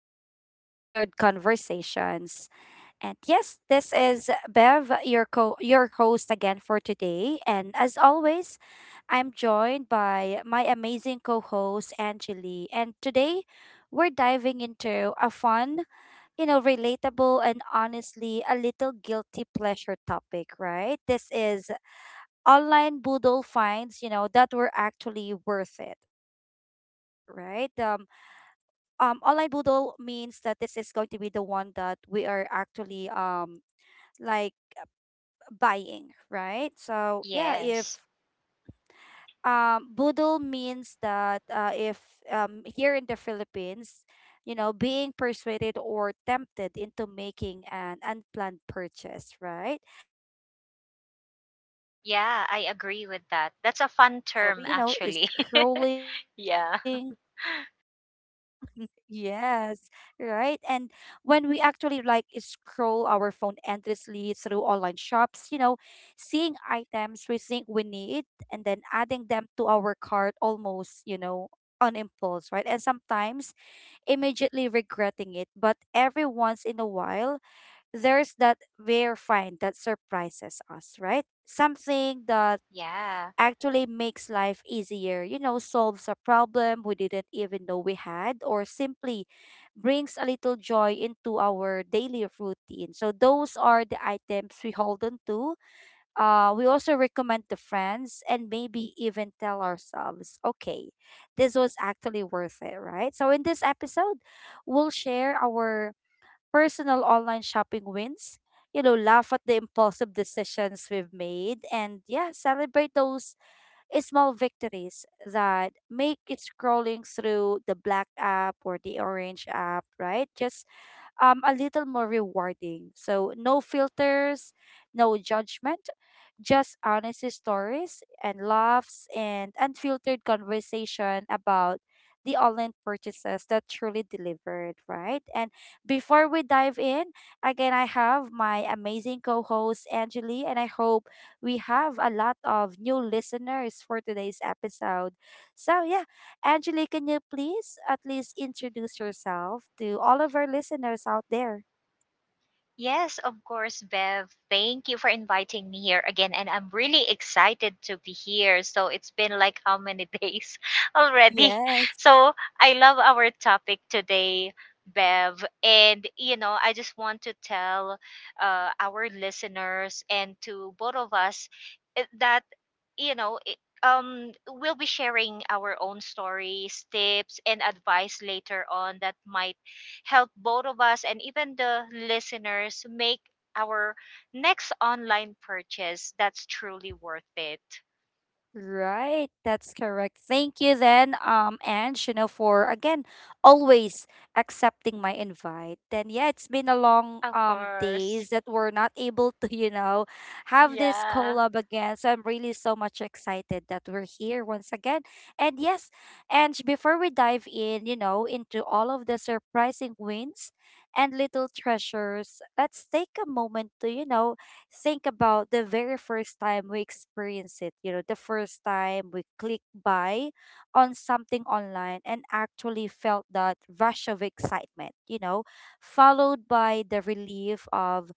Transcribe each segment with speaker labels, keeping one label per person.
Speaker 1: to Unfiltered Conversations. And yes, this is Bev, your host again for today. And as always, I'm joined by my amazing co-host Angeli. And today we're diving into a fun, relatable and honestly a little guilty pleasure topic, right? This is online boodle finds, that were actually worth it, right? Online boodle means that this is going to be the one that we are actually like buying, right? So yeah,
Speaker 2: Yes.
Speaker 1: if boodle means that, if here in the Philippines, you know, being persuaded or tempted into making an unplanned purchase, right? So yeah, we all know
Speaker 2: Yeah,
Speaker 1: the,
Speaker 2: I agree
Speaker 1: the
Speaker 2: with that.
Speaker 1: feeling
Speaker 2: That's a
Speaker 1: of,
Speaker 2: fun
Speaker 1: you
Speaker 2: term,
Speaker 1: know, is
Speaker 2: actually.
Speaker 1: scrolling.
Speaker 2: Yeah.
Speaker 1: Yes, right. And when we actually like scroll our phone endlessly through online shops, you know, seeing items we think we need and then adding them to our cart almost, you know, on impulse, right? And sometimes immediately regretting it. But every once in a while, there's that rare find that surprises us, right? Something that
Speaker 2: Yeah.
Speaker 1: actually makes life easier, you know, solves a problem we didn't even know we had, or simply brings a little joy into our daily routine. So those are the items we hold on to. We also recommend to friends and maybe even tell ourselves, okay, this was actually worth it, right? So in this episode, we'll share our personal online shopping wins, you know, laugh at the impulsive decisions we've made, and yeah, celebrate those small victories that make it scrolling through the black app or the orange app, right? Just a little more rewarding. So, no filters, no judgment, just honest stories and laughs and unfiltered conversation about the online purchases that truly delivered, right? And before we dive in, again, I have my amazing co host, Angeli, and I hope we have a lot of new listeners for today's episode. So, yeah, Angeli, can you please at least introduce yourself to all of our listeners out there?
Speaker 2: Yes, of course, Bev. Thank you for inviting me here again. And I'm really excited to be here. So it's been like how many days already?
Speaker 1: Yes.
Speaker 2: So I love our topic today, Bev. And, you know, I just want to tell our listeners and to both of us that, you know, we'll be sharing our own stories, tips, and advice later on that might help both of us and even the listeners make our next online purchase that's truly worth it.
Speaker 1: Right, that's correct. Thank you then, Ange, you know, for again always accepting my invite. And yeah, it's been a long
Speaker 2: Of course.
Speaker 1: days that we're not able to, you know, have this
Speaker 2: Yeah.
Speaker 1: collab again. So I'm really so much excited that we're here once again. And yes, Ange, before we dive in, you know, into all of the surprising wins and little treasures, let's take a moment to, you know, think about the very first time we experience it, you know, the first time we click buy on something online and actually felt that rush of excitement, you know, followed by the relief of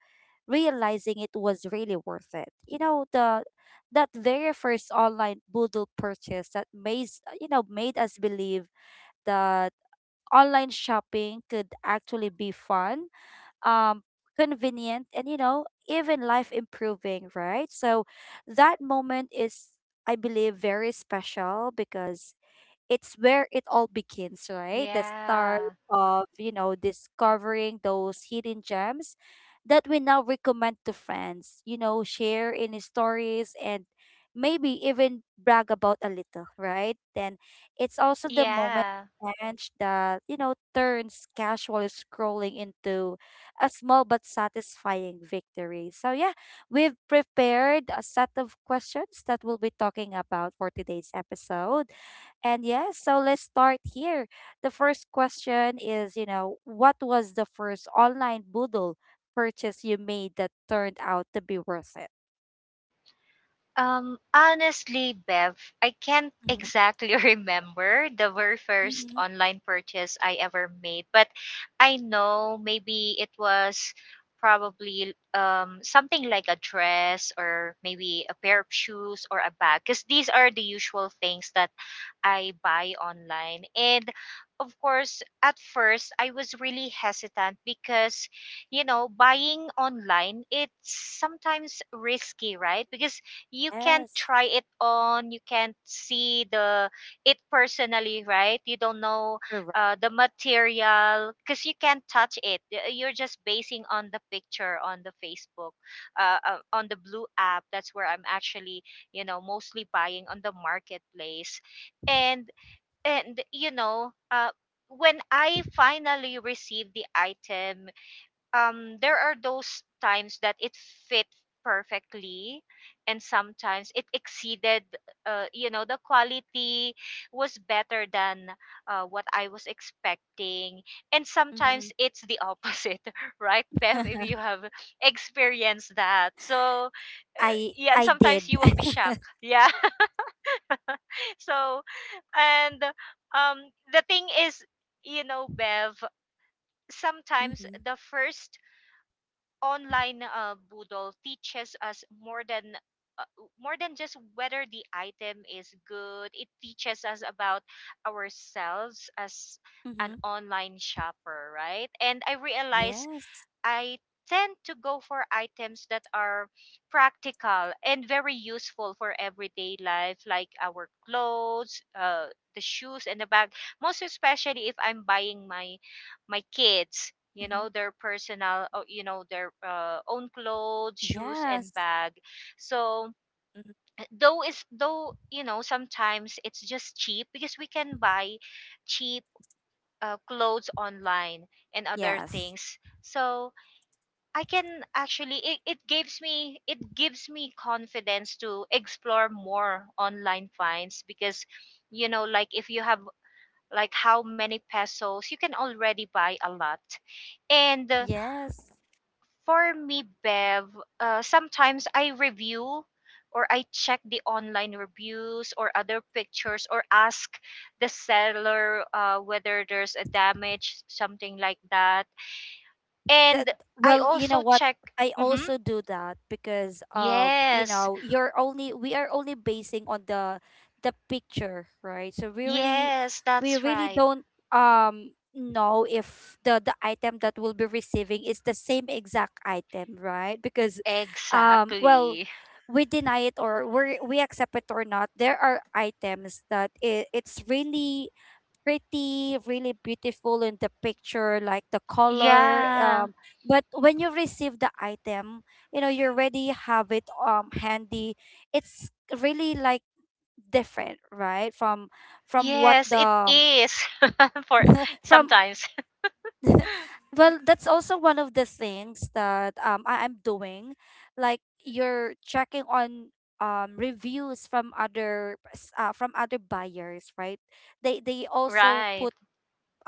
Speaker 1: realizing it was really worth it. You know, the that very first online Boodle purchase that made, made us believe that online shopping could actually be fun, um, convenient, and you know, even life improving, right? So that moment is, I believe, very special because it's where it all begins, right? The start
Speaker 2: Yeah.
Speaker 1: of, you know, discovering those hidden gems that we now recommend to friends, you know, share in stories and maybe even brag about a little, right? Then it's also the moment,
Speaker 2: Yeah.
Speaker 1: Ange, that, you know, turns casual scrolling into a small but satisfying victory. So yeah, we've prepared a set of questions that we'll be talking about for today's episode. And yes, so let's start here. The first question is, you know, what was the first online Moodle purchase you made that turned out to be worth it?
Speaker 2: Honestly, Bev, I can't
Speaker 1: Mm-hmm.
Speaker 2: exactly remember the very first
Speaker 1: Mm-hmm.
Speaker 2: online purchase I ever made, but I know maybe it was probably something like a dress or maybe a pair of shoes or a bag, because these are the usual things that I buy online. And of course, at first I was really hesitant because, you know, buying online it's sometimes risky, right? Because you can't
Speaker 1: Yes,
Speaker 2: try it on, you can't see the it personally, right? You don't know
Speaker 1: correct.
Speaker 2: the material because you can't touch it. You're just basing on the picture on the Facebook, on the Blue app. That's where I'm actually, you know, mostly buying on the marketplace and and, you know, when I finally received the item, there are those times that it fit perfectly, and sometimes it exceeded, you know, the quality was better than what I was expecting. And
Speaker 1: Mm-hmm.
Speaker 2: sometimes it's the opposite, right, Bev? If you have experienced that. So,
Speaker 1: I
Speaker 2: yeah, and
Speaker 1: I did.
Speaker 2: sometimes you will be shocked, yeah. So, and um, the thing is, you know, Bev, sometimes
Speaker 1: Mm-hmm.
Speaker 2: the first online boodle teaches us more than, uh, just whether the item is good. It teaches us about ourselves as
Speaker 1: Mm-hmm.
Speaker 2: an online shopper, right? And I realize
Speaker 1: Yes.
Speaker 2: I tend to go for items that are practical and very useful for everyday life, like our clothes, the shoes, and the bag. Most especially if I'm buying my kids,
Speaker 1: Mm-hmm.
Speaker 2: you know, their personal, you know, their own
Speaker 1: Yes.
Speaker 2: clothes, shoes, and bag. So, though is though, you know, sometimes it's just cheap because we can buy cheap clothes online and other
Speaker 1: Yes.
Speaker 2: things. So I can actually, it gives me it gives me confidence to explore more online finds because, you know, like if you have like how many pesos, you can already buy a lot. And,
Speaker 1: Yes.
Speaker 2: for me, Bev, sometimes I review or I check the online reviews or other pictures, or ask the seller whether there's a damage, something like that.
Speaker 1: That
Speaker 2: And I
Speaker 1: Well, you know
Speaker 2: also
Speaker 1: what?
Speaker 2: check.
Speaker 1: I
Speaker 2: Hmm.
Speaker 1: also do that because, you
Speaker 2: Yes.
Speaker 1: know, you're only we are only basing on the picture, right? So we really,
Speaker 2: Yes, that's right.
Speaker 1: don't know if the item that we'll be receiving is the same exact item, right? Because well,
Speaker 2: Exactly.
Speaker 1: we deny it or we accept it or not, there are items that it's really pretty, really beautiful in the picture, like the color.
Speaker 2: Yeah.
Speaker 1: But when you receive the item, you know, you already have it handy. It's really like different, right? From what
Speaker 2: Yes, it
Speaker 1: the
Speaker 2: is. For
Speaker 1: from
Speaker 2: sometimes.
Speaker 1: well, that's also one of the things that I am doing. Like you're checking on reviews from from other buyers, right? They also
Speaker 2: Right.
Speaker 1: put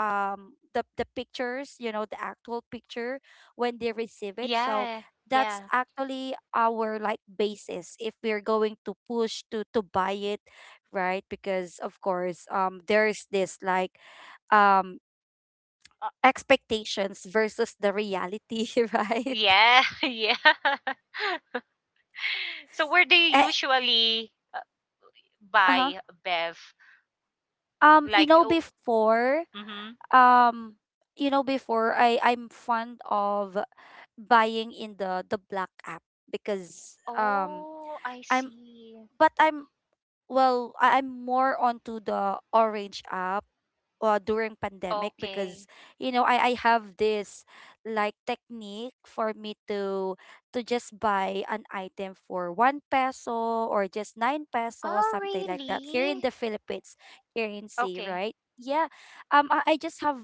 Speaker 1: the pictures, you know, the actual picture when they receive it, so
Speaker 2: Yeah.
Speaker 1: that's
Speaker 2: Yeah.
Speaker 1: actually our like basis if we're going to push to buy it, right? Because of course, there's this like um expectations versus the reality. Right.
Speaker 2: Yeah. Yeah. So where do you
Speaker 1: Eh,
Speaker 2: usually
Speaker 1: uh-huh.
Speaker 2: buy, Bev?
Speaker 1: um you
Speaker 2: Like,
Speaker 1: know
Speaker 2: oh,
Speaker 1: before
Speaker 2: mhm.
Speaker 1: um you know, before I'm fond of buying in the black app because
Speaker 2: Oh, I
Speaker 1: i'm
Speaker 2: see.
Speaker 1: I'm, well, I- I'm more onto the Orange app, during pandemic,
Speaker 2: Okay.
Speaker 1: because you know, I have this like technique for me to just buy an item for one peso or just nine peso,
Speaker 2: Oh,
Speaker 1: something like that, here in
Speaker 2: really?
Speaker 1: the Philippines currency,
Speaker 2: Okay.
Speaker 1: right? Yeah. I, just have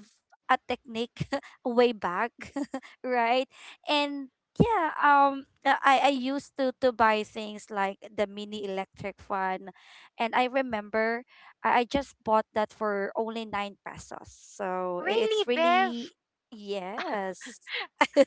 Speaker 1: a technique way back. Right. And yeah, I used to buy things like the mini electric fan, and I remember I just bought that for only nine pesos. So
Speaker 2: Really,
Speaker 1: it's
Speaker 2: Bev?
Speaker 1: really, yes.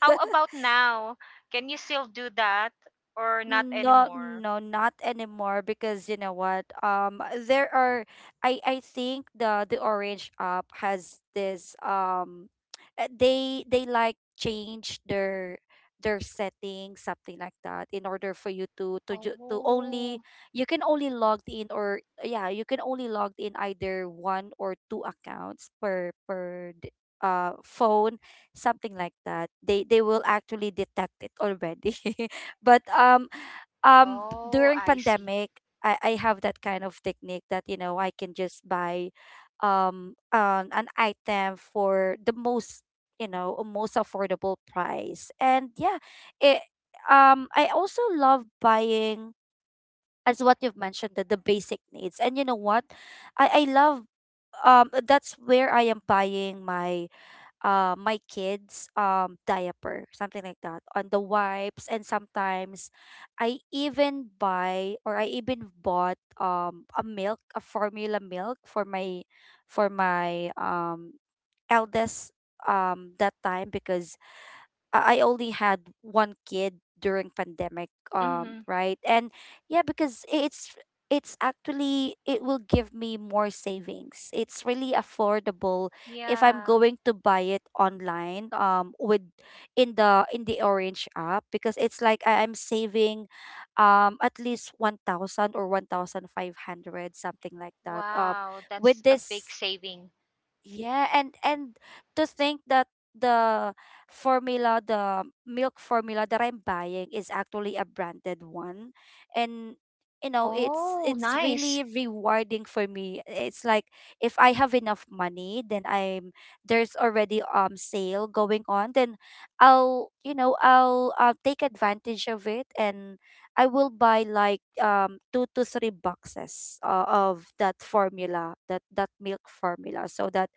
Speaker 2: How about now? Can you still do that, or not
Speaker 1: No,
Speaker 2: anymore?
Speaker 1: no, not anymore because you know what? There are, I think the Orange app has this they, like change their settings, something like that, in order for you to to
Speaker 2: Oh.
Speaker 1: only, you can only log in, or yeah, you can only log in either one or two accounts per uh, phone, something like that. They, will actually detect it already. But
Speaker 2: Oh,
Speaker 1: during
Speaker 2: I see.
Speaker 1: pandemic, I have that kind of technique that you know, I can just buy an item for the most, you know, most affordable price, and yeah, it I also love buying, as what you've mentioned, the basic needs. And you know what, I love that's where I am buying my my kids' diaper, something like that, on the wipes. And sometimes I even buy, or I even bought, a milk, a formula milk for my, for my eldest that time, because I only had one kid during pandemic,
Speaker 2: Mm-hmm.
Speaker 1: right? And yeah, because it's actually it will give me more savings. It's really affordable if I'm
Speaker 2: Yeah.
Speaker 1: going to buy it online, with in the Orange app, because it's like I'm saving, at least 1,000 or 1,500, something like that.
Speaker 2: Wow,
Speaker 1: With
Speaker 2: that's a big
Speaker 1: this.
Speaker 2: saving.
Speaker 1: Yeah, and to think that the formula, the milk formula that I'm buying is actually a branded one, and you know, it's
Speaker 2: Oh,
Speaker 1: it's
Speaker 2: nice.
Speaker 1: really rewarding for me. It's like if I have enough money, then I'm there's already sale going on, then I'll, you know, I'll, take advantage of it. And I will buy like two to three boxes of that formula, that, that milk formula, so that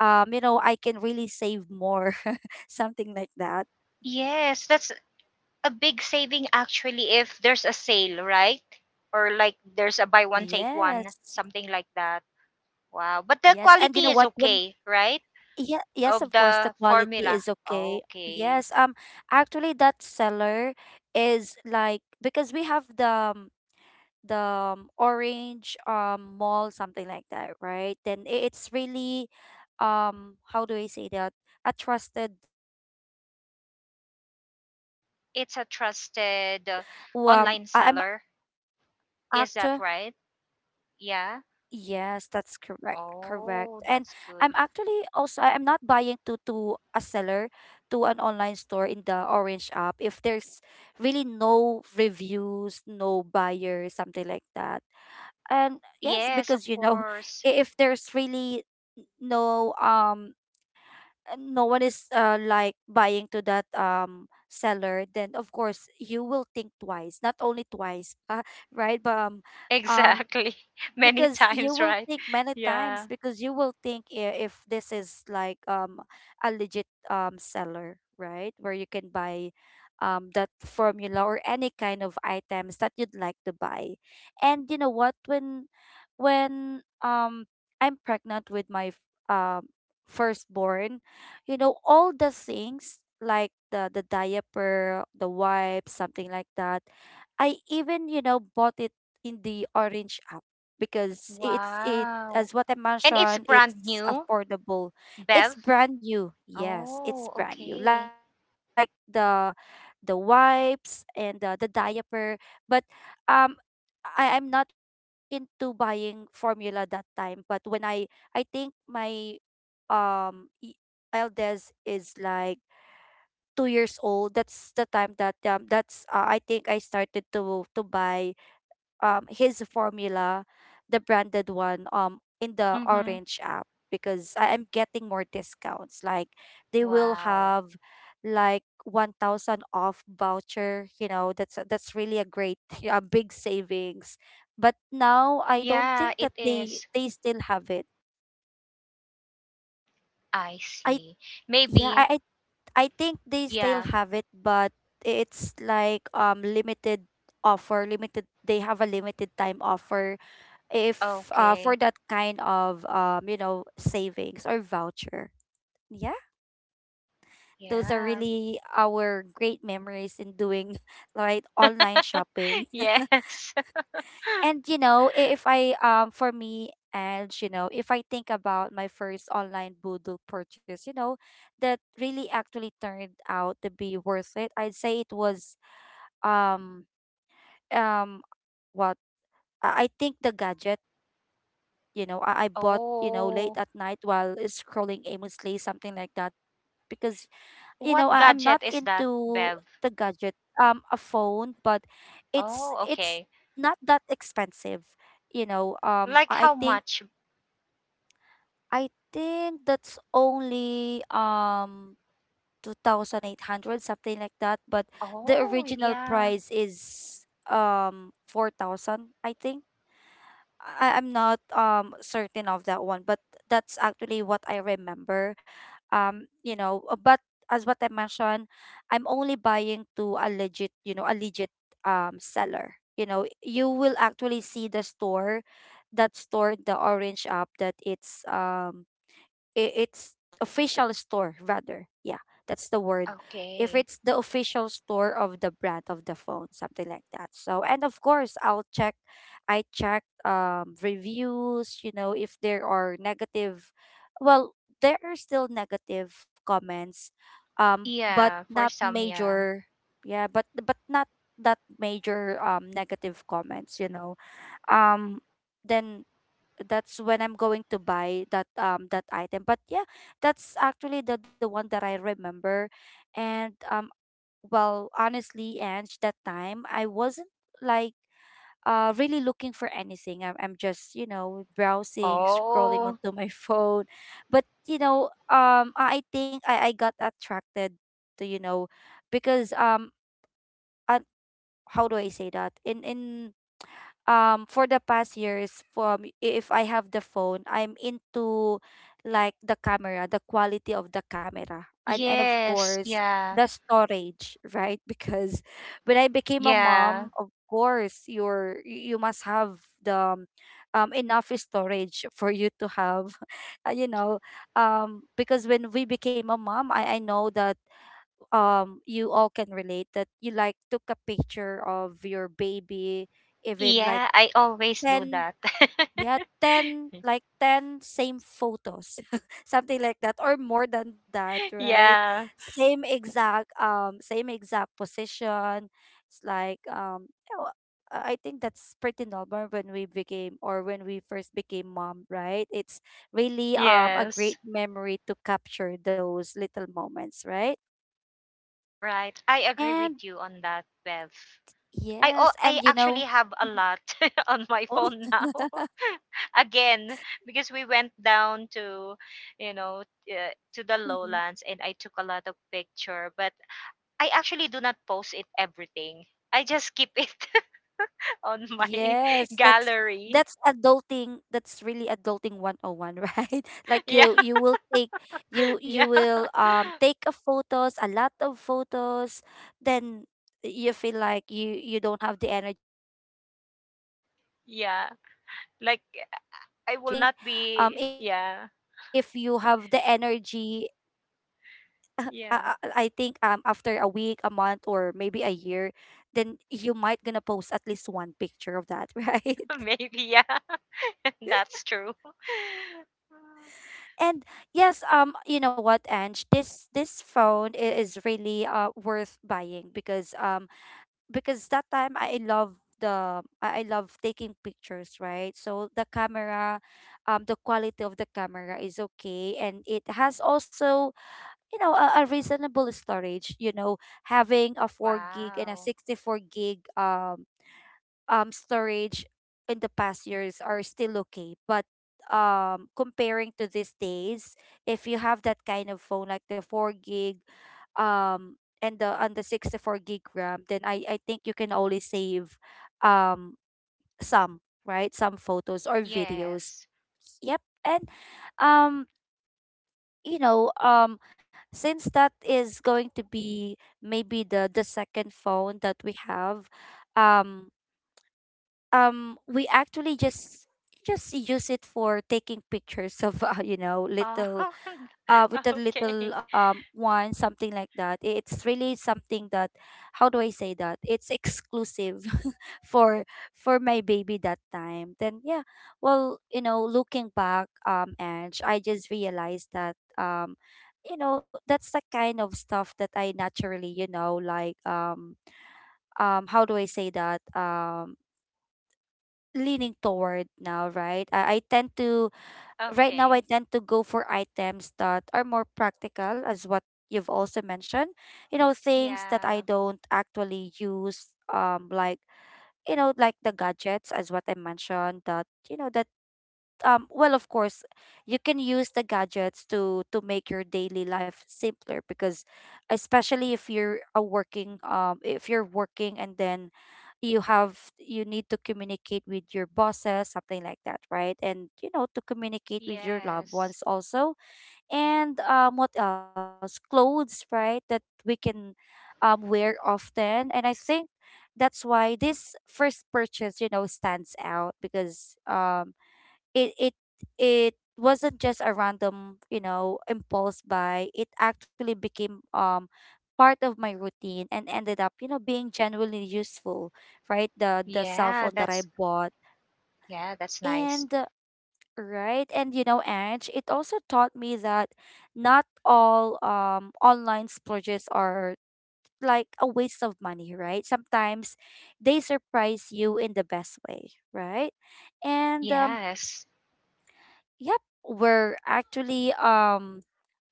Speaker 1: you know, I can really save more, something like that.
Speaker 2: Yes, that's a big saving actually if there's a sale, right? Or like there's a
Speaker 1: Yes.
Speaker 2: buy one take one, something like that. Wow.
Speaker 1: Yes.
Speaker 2: But
Speaker 1: And
Speaker 2: the
Speaker 1: you know what,
Speaker 2: quality is
Speaker 1: when
Speaker 2: okay, right?
Speaker 1: yeah, yes, of
Speaker 2: Of
Speaker 1: course, the
Speaker 2: the
Speaker 1: quality
Speaker 2: formula.
Speaker 1: is okay.
Speaker 2: Okay.
Speaker 1: Yes. Actually that seller is like because we have the orange mall, something like that, right? Then it's really how do I say that? A trusted, a legit seller, something like that. A
Speaker 2: It's
Speaker 1: legit
Speaker 2: a
Speaker 1: store.
Speaker 2: trusted online
Speaker 1: I'm
Speaker 2: seller.
Speaker 1: actually,
Speaker 2: Is that right?
Speaker 1: yes, that's
Speaker 2: Yeah.
Speaker 1: correct. Correct. And I'm actually
Speaker 2: Oh, that's
Speaker 1: also,
Speaker 2: good.
Speaker 1: I'm not buying to a seller, to an online store in the Orange app if there's really no reviews, no buyer, something like that. And yes,
Speaker 2: Yes, of
Speaker 1: because you know,
Speaker 2: course.
Speaker 1: if there's really no no one is like buying to that seller, then of course you will think twice, not only twice, right? But um
Speaker 2: Exactly. Many
Speaker 1: because you
Speaker 2: times,
Speaker 1: will
Speaker 2: right?
Speaker 1: think many times
Speaker 2: Yeah.
Speaker 1: because you will think, if this is like a legit seller, right, where you can buy that formula or any kind of items that you'd like to buy. And you know what, when when um I'm pregnant with my um firstborn, you know, all the things like the diaper, the wipes, something like that, I even, you know, bought it in the orange app because it's it,
Speaker 2: Wow.
Speaker 1: as what I
Speaker 2: And it's
Speaker 1: mentioned,
Speaker 2: brand
Speaker 1: it's
Speaker 2: new,
Speaker 1: affordable.
Speaker 2: Bev?
Speaker 1: It's brand new. Yes, it's
Speaker 2: Oh,
Speaker 1: brand new. Like
Speaker 2: okay.
Speaker 1: the wipes and the diaper. But um I'm not into buying formula that time. But when I think my um e- eldest is like 2 years old, that's the time that that's I think I started to buy his formula, the branded one, in the
Speaker 2: Mm-hmm.
Speaker 1: Orange app because I am getting more discounts. Like they will
Speaker 2: Wow.
Speaker 1: have like 1000 off voucher, you know, that's really a great a big savings. But now I don't
Speaker 2: Yeah,
Speaker 1: think
Speaker 2: it
Speaker 1: that they
Speaker 2: is.
Speaker 1: they still have it.
Speaker 2: I
Speaker 1: I
Speaker 2: see.
Speaker 1: yeah,
Speaker 2: Maybe.
Speaker 1: I I I think they still
Speaker 2: Yeah.
Speaker 1: have it, but it's like limited offer, limited they have a limited time offer if
Speaker 2: Okay.
Speaker 1: for that kind of savings or voucher, yeah. Those are
Speaker 2: Yeah.
Speaker 1: really our great memories in doing right online shopping.
Speaker 2: Yes.
Speaker 1: And you know I- if I for me, and you know if I think about my first online boodle purchase, you know, that really actually turned out to be worth it. I'd say it was, um um what I think the gadget, you know, I bought, you know, late at night
Speaker 2: Oh,
Speaker 1: while scrolling aimlessly, something like that. Because, you know, I'm not
Speaker 2: what gadget is
Speaker 1: into
Speaker 2: that,
Speaker 1: the
Speaker 2: Bev?
Speaker 1: gadget, a phone, but it's
Speaker 2: Oh,
Speaker 1: it's
Speaker 2: okay.
Speaker 1: not that expensive, you know.
Speaker 2: Like
Speaker 1: I
Speaker 2: how
Speaker 1: think
Speaker 2: much?
Speaker 1: that's only two thousand eight hundred, something like that. But the
Speaker 2: Oh,
Speaker 1: original
Speaker 2: yeah.
Speaker 1: price is 4,000, I think. I'm not certain of that one, but that's actually what I remember. But as what I mentioned, I'm only buying to a legit, you know, a legit seller. You know, you will actually see the store, that store, the Orange app, that it's it's official store rather, yeah, that's the word. If
Speaker 2: Okay.
Speaker 1: it's the official store of the brand of the phone, something like that. So, and of course I'll check. I check reviews, you know, if there are negative, well, there are still negative comments, but
Speaker 2: Yeah,
Speaker 1: not
Speaker 2: for some, yeah.
Speaker 1: major. Yeah, but not that major negative comments, you know. Um then That's when I'm going to buy that that item. But yeah, that's actually the one that I remember. And well, honestly, Ange, that time I wasn't like really looking for anything. I'm just, you know, browsing, scrolling
Speaker 2: Oh,
Speaker 1: onto my phone. But you know, I think I got attracted to, you know, because I, how do I say that? In For the past years, from if I have the phone, I'm into like the camera, the quality of the camera, and of
Speaker 2: yes,
Speaker 1: course
Speaker 2: yeah,
Speaker 1: the storage, right? Because when I became a
Speaker 2: yeah,
Speaker 1: mom, of course you're, you must have the enough storage for you to have you know. Because when we became a mom, I know that you all can relate that you like took a picture of your baby, even like
Speaker 2: yeah. I always do
Speaker 1: 10,
Speaker 2: that.
Speaker 1: yeah, 10, like 10 same photos, something like that, or more than that, right?
Speaker 2: Yeah,
Speaker 1: Same exact position. It's like you know, I think that's pretty normal when we became, or when we first became mom, right? It's really a
Speaker 2: yes,
Speaker 1: great memory to capture those little moments, right?
Speaker 2: right. I agree with
Speaker 1: And
Speaker 2: you on that, Bev. I Oh,
Speaker 1: yes,
Speaker 2: I
Speaker 1: and you
Speaker 2: actually
Speaker 1: know.
Speaker 2: have a lot on my
Speaker 1: Oh.
Speaker 2: phone now. Again, because we went down to, you know, to the lowlands, and I took a lot of picture. But I actually do not post it everything. I just keep it on my
Speaker 1: Yes, that's
Speaker 2: gallery.
Speaker 1: adulting. That's really adulting 101, right? Like
Speaker 2: Yeah,
Speaker 1: you will take, you
Speaker 2: yeah,
Speaker 1: will take a photos, a lot of photos, then you feel like you don't have the energy to post it. Then you just, you know, just save it to
Speaker 2: yeah.
Speaker 1: your phone.
Speaker 2: Like
Speaker 1: Then I
Speaker 2: I
Speaker 1: think
Speaker 2: will not
Speaker 1: if
Speaker 2: be.
Speaker 1: you have the
Speaker 2: Yeah,
Speaker 1: energy, uh, I, I think
Speaker 2: yeah.
Speaker 1: after a week, a month, or maybe a year, then you might gonna post at least one picture of that, right?
Speaker 2: Maybe yeah. That's true.
Speaker 1: And yes, you know what, Ange, this phone is really worth buying because that time I love the I love taking pictures, right? So the camera, the quality of the camera is okay, and it has also, you know, a reasonable storage, you know, having a 4 gig and a
Speaker 2: Wow.
Speaker 1: 64 gig storage in the past years are still okay, but comparing to these days, if you have that kind of phone like the 4 gig um and the 64 gig ram, then I think you can only save um some, right, some photos or videos.
Speaker 2: Yes.
Speaker 1: Yep. And um you know, um, since that is going to be maybe the second phone that we have, um, we actually just use it for taking pictures of you know,
Speaker 2: Oh,
Speaker 1: little with a little
Speaker 2: okay.
Speaker 1: one, something like that. It's really something that, how do I say that? It's exclusive for for my baby that time. Then yeah, well, you know, looking back, Ange, I just realized that you know, that's the kind of stuff that I naturally, you know, like how do I say that? Leaning toward now, right? I tend to, right now I
Speaker 2: Okay.
Speaker 1: tend to go for items that are more practical, as what you've also mentioned. You know, things that I
Speaker 2: Yeah.
Speaker 1: don't actually use, like, you know, like the gadgets, as what I mentioned, that, you know, that well, of course, you can use the gadgets to make your daily life simpler, because especially if you're a working, if you're working and then you need to communicate with your bosses, something like that, right? And you know, to communicate with your loved
Speaker 2: Yes.
Speaker 1: ones also. And what else, clothes, right, that we can wear often. And I think that's why this first purchase, you know, stands out, because it it it wasn't just a random, you know, impulse buy. It actually became part of my routine and ended up, you know, being genuinely useful, right, the cell
Speaker 2: Yeah,
Speaker 1: phone that I bought.
Speaker 2: that's nice.
Speaker 1: And right, and you know, edge, it also taught me that not all online splurges are like a waste of money, right? Sometimes they surprise you in the best way, right? And
Speaker 2: Yes.
Speaker 1: yep, we're actually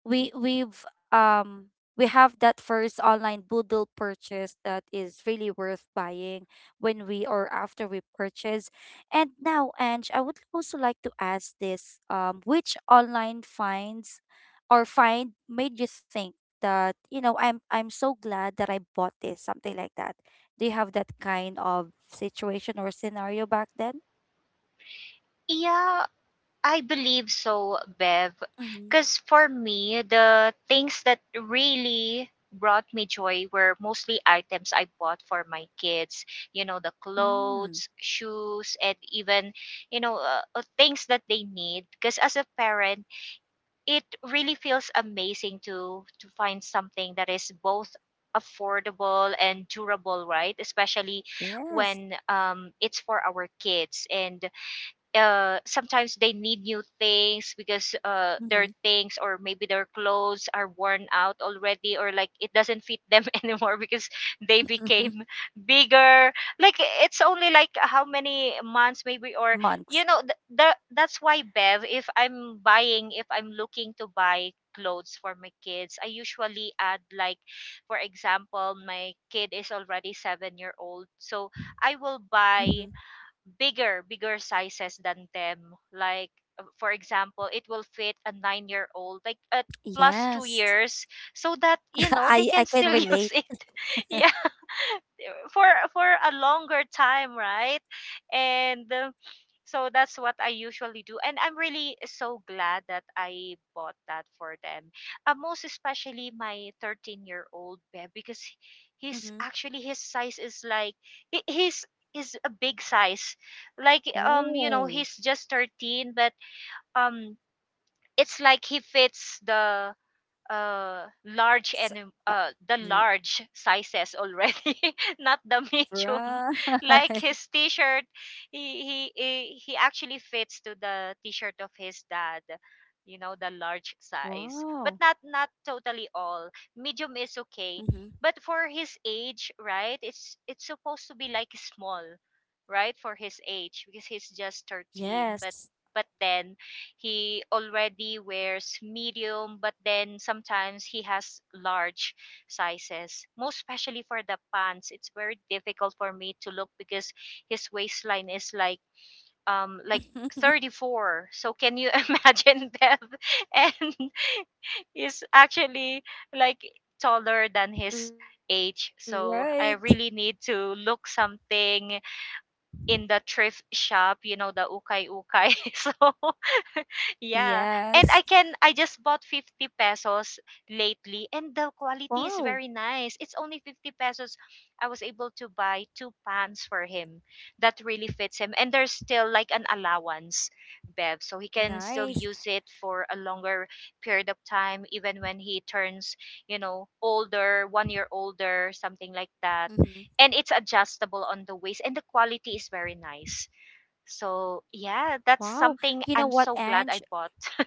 Speaker 1: we we've um we have that first online Boodle purchase that is really worth buying when we, or after we purchase. And now, Ange, I would also like to ask this: which online finds or find made you think that, you know, I'm so glad that I bought this, something like that. Do you have that kind of situation or scenario back then?
Speaker 2: Yeah, I believe so, Bev.
Speaker 1: Mm-hmm.
Speaker 2: Because for me, the things that really brought me joy were mostly items I bought for my kids. You know, the
Speaker 1: Mm,
Speaker 2: clothes, shoes, and even, you know, things that they need. Because as a parent, it really feels amazing to find something that is both affordable and durable, right? Especially
Speaker 1: yes.
Speaker 2: when, it's for our kids. And sometimes they need new things because their
Speaker 1: Mm-hmm.
Speaker 2: things or maybe their clothes are worn out already, or like it doesn't fit them anymore because they
Speaker 1: Hmm.
Speaker 2: became bigger, like it's only like how many months maybe, or you
Speaker 1: Months.
Speaker 2: know, that's why, Bev, if I'm looking to buy clothes for my kids, I usually add, like, for example, my kid is already 7-year old, so I will buy
Speaker 1: Hmm.
Speaker 2: bigger sizes than them, like, for example, it will fit a 9-year old, like a plus 2
Speaker 1: Yes.
Speaker 2: years, so that, you know, they
Speaker 1: I
Speaker 2: can
Speaker 1: can
Speaker 2: still
Speaker 1: relate.
Speaker 2: use it. Yeah, for for a longer time, right? And, so that's what I usually do. And I'm really so glad that I bought that for them. Most especially my 13-year-old babe, because he's
Speaker 1: Mm-hmm.
Speaker 2: actually, his size is like, he's is a big size. Like, you know,
Speaker 1: Oh.
Speaker 2: he's just 13, but um it's like he fits the large,
Speaker 1: So,
Speaker 2: and
Speaker 1: uh,
Speaker 2: the
Speaker 1: r-
Speaker 2: large sizes already, not the medium. Like
Speaker 1: right.
Speaker 2: his t-shirt, he actually fits to the t-shirt of his dad, you know, the large size, but
Speaker 1: Wow.
Speaker 2: not totally all. Medium is okay,
Speaker 1: Mm-hmm.
Speaker 2: but for his age, right, it's supposed to be like small, right, for his age, because he's just 13,
Speaker 1: Yes.
Speaker 2: but then he already wears medium, but then sometimes he has large sizes. Most especially for the pants, it's very difficult for me to look because his waistline is like 34. So can you imagine, Beth? And he's actually like taller than his
Speaker 1: Right.
Speaker 2: age, so I really need to look something in the thrift shop, you know, the ukay ukay. So, yeah. And
Speaker 1: Yes.
Speaker 2: I just bought 50 pesos lately, and the quality is
Speaker 1: Wow.
Speaker 2: very nice. It's only 50 pesos. I was able to buy two pants for him that really fits him, and there's still like an allowance, Bev. So he can still
Speaker 1: Nice.
Speaker 2: use it for a longer period of time even when he turns, you know, older, 1 year older, something like
Speaker 1: Mm-hmm.
Speaker 2: that. And it's adjustable on the waist, and the quality is very nice. So, yeah, that's
Speaker 1: Wow. You know
Speaker 2: something
Speaker 1: what,
Speaker 2: I'm so
Speaker 1: Ange?
Speaker 2: glad I bought.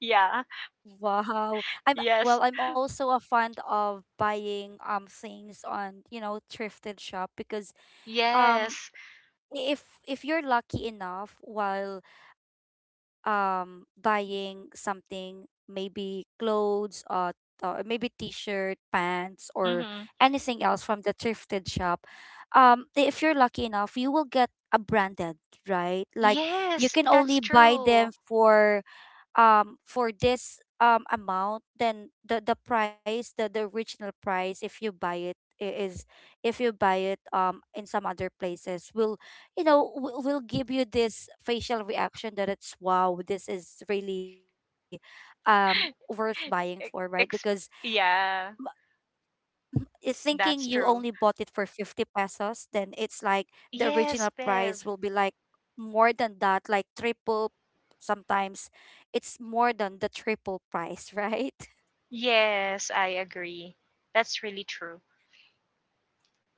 Speaker 2: Yeah.
Speaker 1: Wow. I'm
Speaker 2: Yes.
Speaker 1: Well, I'm also a fan of buying things on, you know, thrifted shop, because um
Speaker 2: Yes.
Speaker 1: if you're lucky enough while buying something, maybe clothes, maybe t-shirt, pants, or
Speaker 2: Mm-hmm.
Speaker 1: anything else from the thrifted shop. If you're lucky enough, you will get a branded, right? Like you
Speaker 2: Yes,
Speaker 1: can only
Speaker 2: that's
Speaker 1: buy them
Speaker 2: true.
Speaker 1: for this amount. Then the price, the original price, if you buy it is, if you buy it in some other places, will, you know, will give you this facial reaction that it's wow, this is really worth buying for, right?
Speaker 2: E-
Speaker 1: Because
Speaker 2: ex- yeah,
Speaker 1: thinking you only
Speaker 2: that's
Speaker 1: bought
Speaker 2: true.
Speaker 1: it for 50 pesos, then it's like the original
Speaker 2: Yes,
Speaker 1: price will
Speaker 2: Bev.
Speaker 1: be like more than that, like triple. Sometimes it's more than the triple price, right?
Speaker 2: Yes, I agree, that's really true.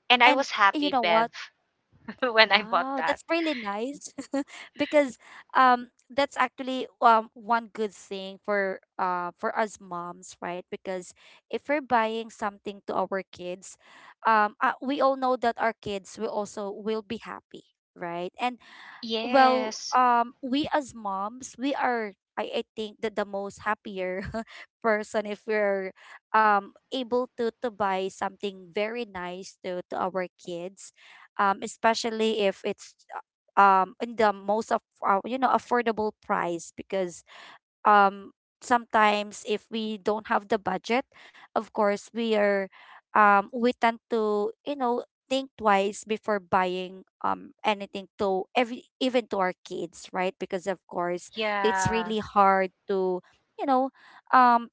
Speaker 2: And I
Speaker 1: And
Speaker 2: was
Speaker 1: you
Speaker 2: happy,
Speaker 1: know what?
Speaker 2: Bev, when I bought
Speaker 1: Wow,
Speaker 2: that.
Speaker 1: that's really nice. Because that's actually one good thing for us moms, right? Because if we're buying something to our kids, we all know that our kids will also will be happy, right? And well,
Speaker 2: Yes.
Speaker 1: we as moms, we are, I think that the most happier person, if we're able to buy something very nice to our kids, especially if it's uh, in the most of you know, affordable price, because um sometimes if we don't have the budget, of course we are, we tend to, you know, think twice before buying anything to every, even to our kids, right? Because of course it's
Speaker 2: Yeah.
Speaker 1: really hard to, you know, um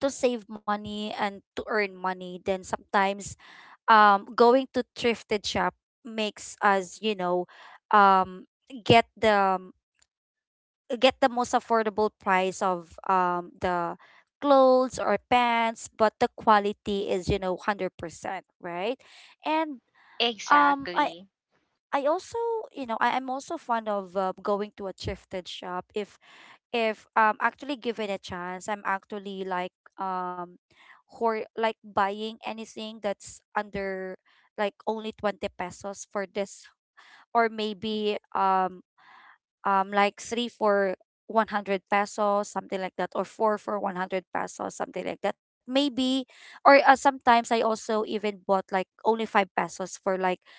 Speaker 1: to save money and to earn money. Then sometimes going to thrifted shop makes us, you know, um get the, get the most affordable price of the clothes or pants, but the quality is, you know, 100%, right? And um I
Speaker 2: Exactly.
Speaker 1: I also, I'm also fond of going to a thrifted shop if actually given a chance, I'm actually like um hor like buying anything that's under like only 20 pesos for this or maybe three for 100 pesos, something like that, or four for 100 pesos, something like that maybe, or sometimes I also even bought like only five pesos for like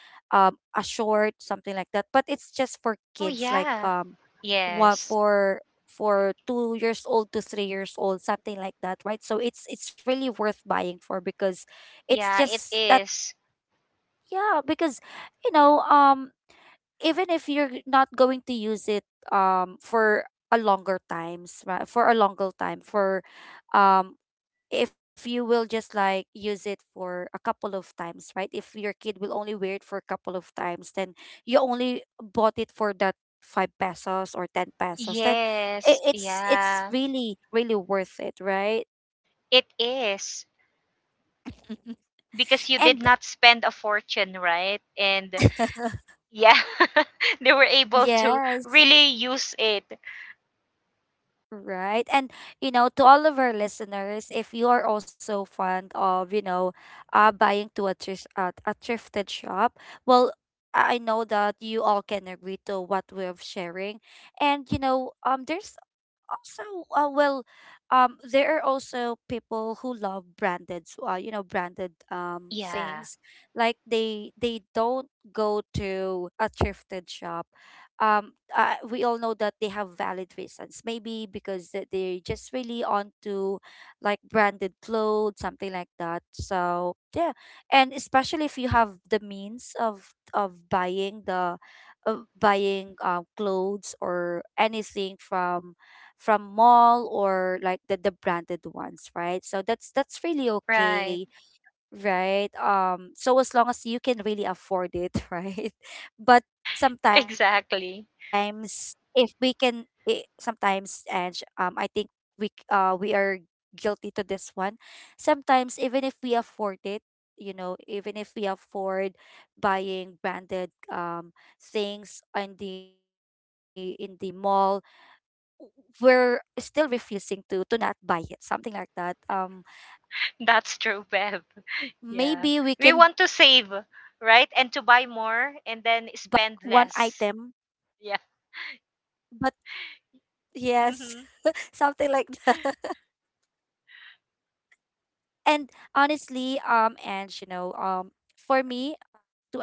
Speaker 1: a short, something like that, but it's just for
Speaker 2: Oh,
Speaker 1: kids, like
Speaker 2: yeah.
Speaker 1: one
Speaker 2: Yes.
Speaker 1: for 2 years old to 3 years old, something like that, right? So it's really worth buying for, because it's
Speaker 2: Yeah, it
Speaker 1: just that.
Speaker 2: is.
Speaker 1: Yeah, because you know, even if you're not going to use it for a longer times, right, for a longer time, for um if you will just like use it for a couple of times, right, if your kid will only wear it for a couple of times, then you only bought it for that 5 pesos or 10 pesos. Then i-
Speaker 2: Yes.
Speaker 1: it's it's
Speaker 2: Yeah.
Speaker 1: really really worth it, right?
Speaker 2: It is. Because you
Speaker 1: and
Speaker 2: did not spend a fortune, right? And yeah, they were able to
Speaker 1: yes.
Speaker 2: really use it.
Speaker 1: Right. And, to all of our listeners, if you are also fond of, buying to a, thrift, a thrifted shop, well, I know that you all can agree to what we're sharing. And, there's also well there are also people who love branded
Speaker 2: Yeah.
Speaker 1: things, like they don't go to a thrifted shop. We all know that they have valid reasons, maybe because that they're just really onto like branded clothes, something like that. So yeah. And especially if you have the means of buying the of buying clothes or anything from mall or like the branded ones, right? So that's really okay,
Speaker 2: Right.
Speaker 1: right? So as long as you can really afford it, right? But sometimes
Speaker 2: Exactly.
Speaker 1: if we can it, sometimes. And I think we c- we are guilty to this one. Sometimes even if we afford it, you know, even if we afford buying branded things in the mall, we're still refusing to not buy it, something like that.
Speaker 2: That's true, Bev.
Speaker 1: Maybe we
Speaker 2: Yeah.
Speaker 1: can buy
Speaker 2: We
Speaker 1: it
Speaker 2: want to
Speaker 1: once.
Speaker 2: save, right? And to
Speaker 1: maybe we
Speaker 2: buy
Speaker 1: can
Speaker 2: more
Speaker 1: just
Speaker 2: and
Speaker 1: buy
Speaker 2: then
Speaker 1: once,
Speaker 2: spend
Speaker 1: like
Speaker 2: less.
Speaker 1: one
Speaker 2: Yeah.
Speaker 1: item. But yes.
Speaker 2: Hmm.
Speaker 1: something like that. and honestly, and for me,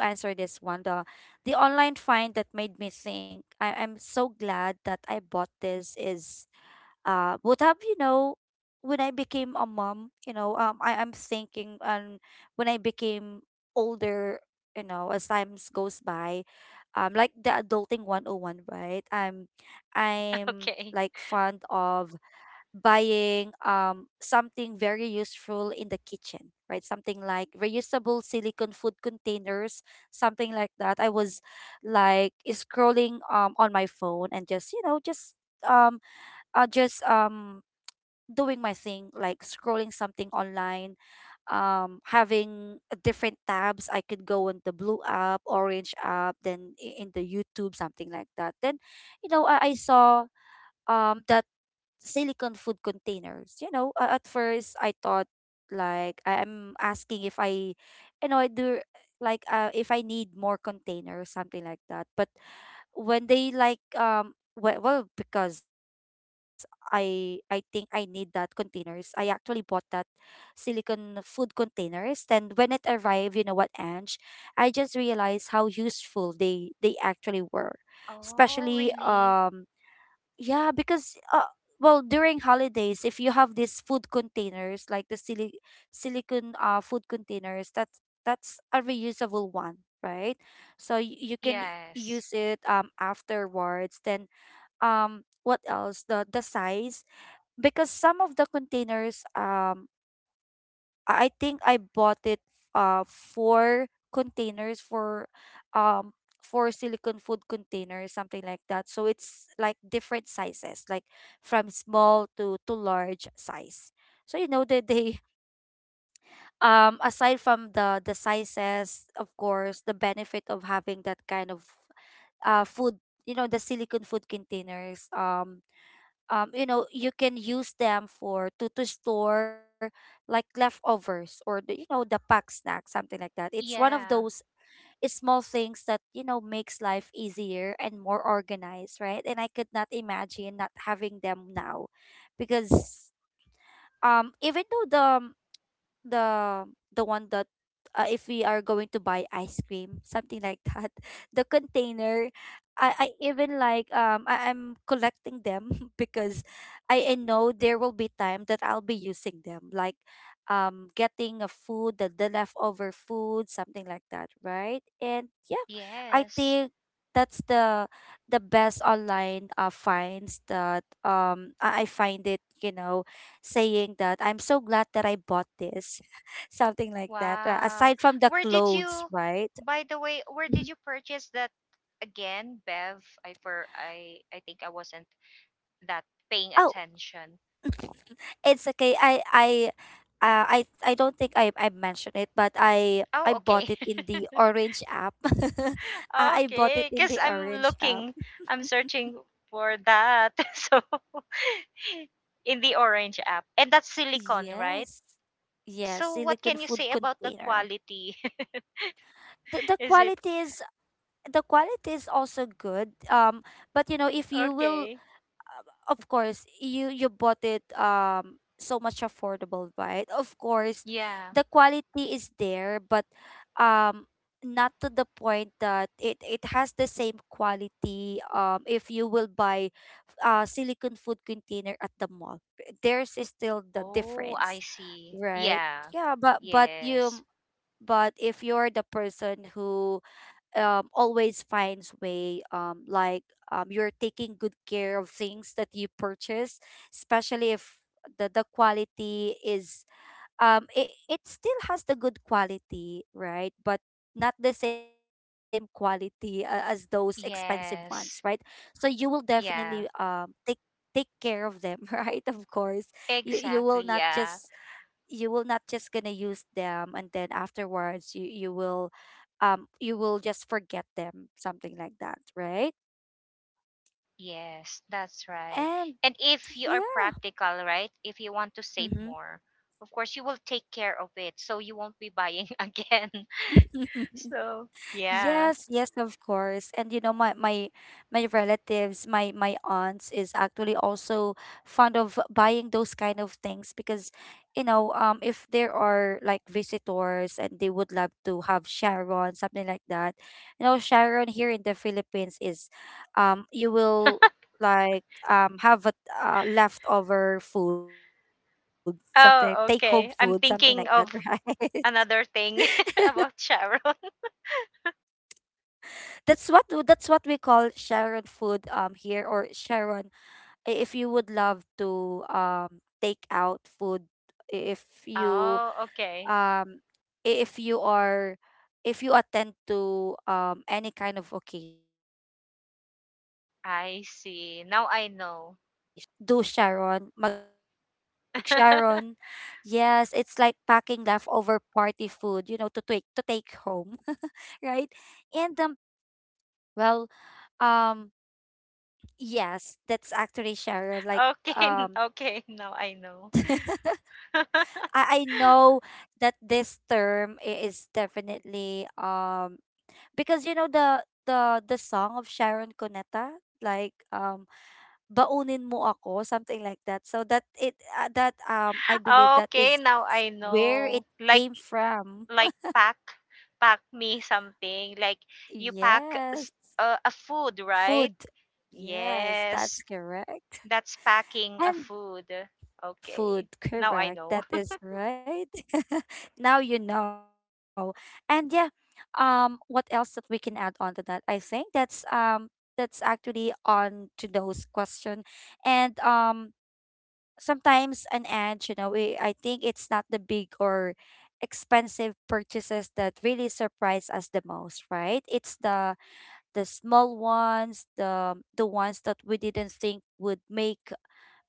Speaker 1: to answer this one, the online find that made me think I'm so glad that I bought this is would have you know when I became a mom, you know, I am thinking. And when I became older, you know, as times goes by, like the adulting 101, right? I'm
Speaker 2: Okay.
Speaker 1: like fond of buying something very useful in the kitchen, right? Something like reusable silicone food containers, something like that. I was like scrolling on my phone and just, um uh, just um doing my thing, like scrolling something online, having different tabs. I could go on the blue app, orange app, then in the YouTube, something like that. Then, I saw that silicon food containers. You know, at first I thought like I'm asking if I do like if I need more containers, something like that. But when they like well, because I think I need that containers. I actually bought that silicone food containers, and when it arrived, you know what, Ange, I just realized how useful they actually were.
Speaker 2: Oh,
Speaker 1: Especially
Speaker 2: really?
Speaker 1: yeah, because well, during holidays, if you have these food containers, like the silicon food containers, that's a reusable one, right? So you can
Speaker 2: Yes.
Speaker 1: use it afterwards. Then what else? The size, because some of the containers, I think I bought it four containers for um four silicone food containers, something like that. So it's like different sizes, like from small to large size. So you know that they aside from the sizes, of course the benefit of having that kind of food you know the silicone food containers, you know, you can use them for to store like leftovers or the, you know, the pack snack, something like that. It's one of those
Speaker 2: Yeah.
Speaker 1: small things that you know makes life easier and more organized, right? And I could not imagine not having them now, because even though the the one that if we are going to buy ice cream, something like that. The container, I even like I'm collecting them, because I know there will be time that I'll be using them, like getting a food, the leftover food, something like that, right? And yeah, I
Speaker 2: Yes.
Speaker 1: think that's the best online finds that I find it, you know, saying that I'm so glad that I bought this, something like that.
Speaker 2: Wow.
Speaker 1: Aside from the
Speaker 2: Where did
Speaker 1: clothes,
Speaker 2: you,
Speaker 1: right?
Speaker 2: by the way, where did
Speaker 1: Mhm.
Speaker 2: you purchase that again, Bev? I think I wasn't that paying
Speaker 1: Oh,
Speaker 2: attention.
Speaker 1: it's okay. I don't think I mentioned it, but I
Speaker 2: Oh,
Speaker 1: bought
Speaker 2: okay.
Speaker 1: it in the Orange app. I bought it
Speaker 2: Okay,
Speaker 1: in
Speaker 2: because
Speaker 1: the Orange app.
Speaker 2: I'm searching for that. So, in the Orange app. And that's silicone, right?
Speaker 1: Yes, yes,
Speaker 2: So what
Speaker 1: silicone
Speaker 2: can you
Speaker 1: food
Speaker 2: say about the
Speaker 1: container.
Speaker 2: quality?
Speaker 1: The, the
Speaker 2: Is it
Speaker 1: quality is the quality is also good. But you know, if you will
Speaker 2: okay?
Speaker 1: of course you you bought it so much affordable, right? Of course
Speaker 2: Yeah.
Speaker 1: the quality is there, but um not to the point that it has the same quality if you will buy silicone food container at the mall. There's is still the
Speaker 2: Oh, I
Speaker 1: difference,
Speaker 2: see.
Speaker 1: right?
Speaker 2: Yeah.
Speaker 1: Yeah, but
Speaker 2: Yes.
Speaker 1: you but if you're the person who always finds way, you're taking good care of things that you purchase, especially if the, the quality is it, it still has the good quality, right? But not the same quality, as those expensive ones, right?
Speaker 2: Yes.
Speaker 1: So you will definitely
Speaker 2: Yeah.
Speaker 1: take take care of them, right? Of course you will
Speaker 2: Exactly.
Speaker 1: not
Speaker 2: Yeah.
Speaker 1: just you will not just gonna use them and then afterwards you will you will just forget them, something like that, right?
Speaker 2: Yes, that's right.
Speaker 1: And
Speaker 2: And if you are
Speaker 1: yeah.
Speaker 2: practical, right? If you want to save more, of course you will take care of it so you won't be buying again.
Speaker 1: Mm-hmm.
Speaker 2: So, yeah.
Speaker 1: Yes, yes, of course. And you know, my relatives, my aunts is actually also fond of buying those kind of things, because, if there are like visitors and they would love to have Sharon, something like that. You know, Sharon here in the Philippines is, you will like have a leftover food, something take home food,
Speaker 2: Oh,
Speaker 1: something like that,
Speaker 2: okay. I'm thinking
Speaker 1: right?
Speaker 2: of another thing about Sharon.
Speaker 1: That's what that's what we call Sharon food here, or Sharon, if you would love to take out food, i- if you
Speaker 2: Oh, okay.
Speaker 1: um if you are if you attend to any kind of occasion, right? So like
Speaker 2: I
Speaker 1: I'm
Speaker 2: see. Now
Speaker 1: gonna
Speaker 2: I know.
Speaker 1: um do Sharon mag
Speaker 2: okay,
Speaker 1: Sharon. Yes, it's like packing leftover party food, you know, to take home, right? And well um yes, that's actually Sharon. Like,
Speaker 2: n-
Speaker 1: um,
Speaker 2: okay, now I know.
Speaker 1: I know that this term is definitely because you know the song of Sharon Cuneta, like baunin mo ako, something like that. So that it that I believe that
Speaker 2: Okay,
Speaker 1: is
Speaker 2: now I
Speaker 1: where it
Speaker 2: know. Like,
Speaker 1: came from.
Speaker 2: like pack pack me something, like, you pack s-
Speaker 1: Yes,
Speaker 2: a food, right?
Speaker 1: food. Yes,
Speaker 2: Yes,
Speaker 1: that's correct.
Speaker 2: that's packing a
Speaker 1: And
Speaker 2: food.
Speaker 1: food
Speaker 2: Okay, now I
Speaker 1: correct,
Speaker 2: know.
Speaker 1: that is right. now you know. And yeah, what else that we can add on to that? I think that's actually on to those question. And sometimes an edge, you know, I think it's not the big or expensive purchases that really surprise us the most, right? It's the small ones, the ones that we didn't think would make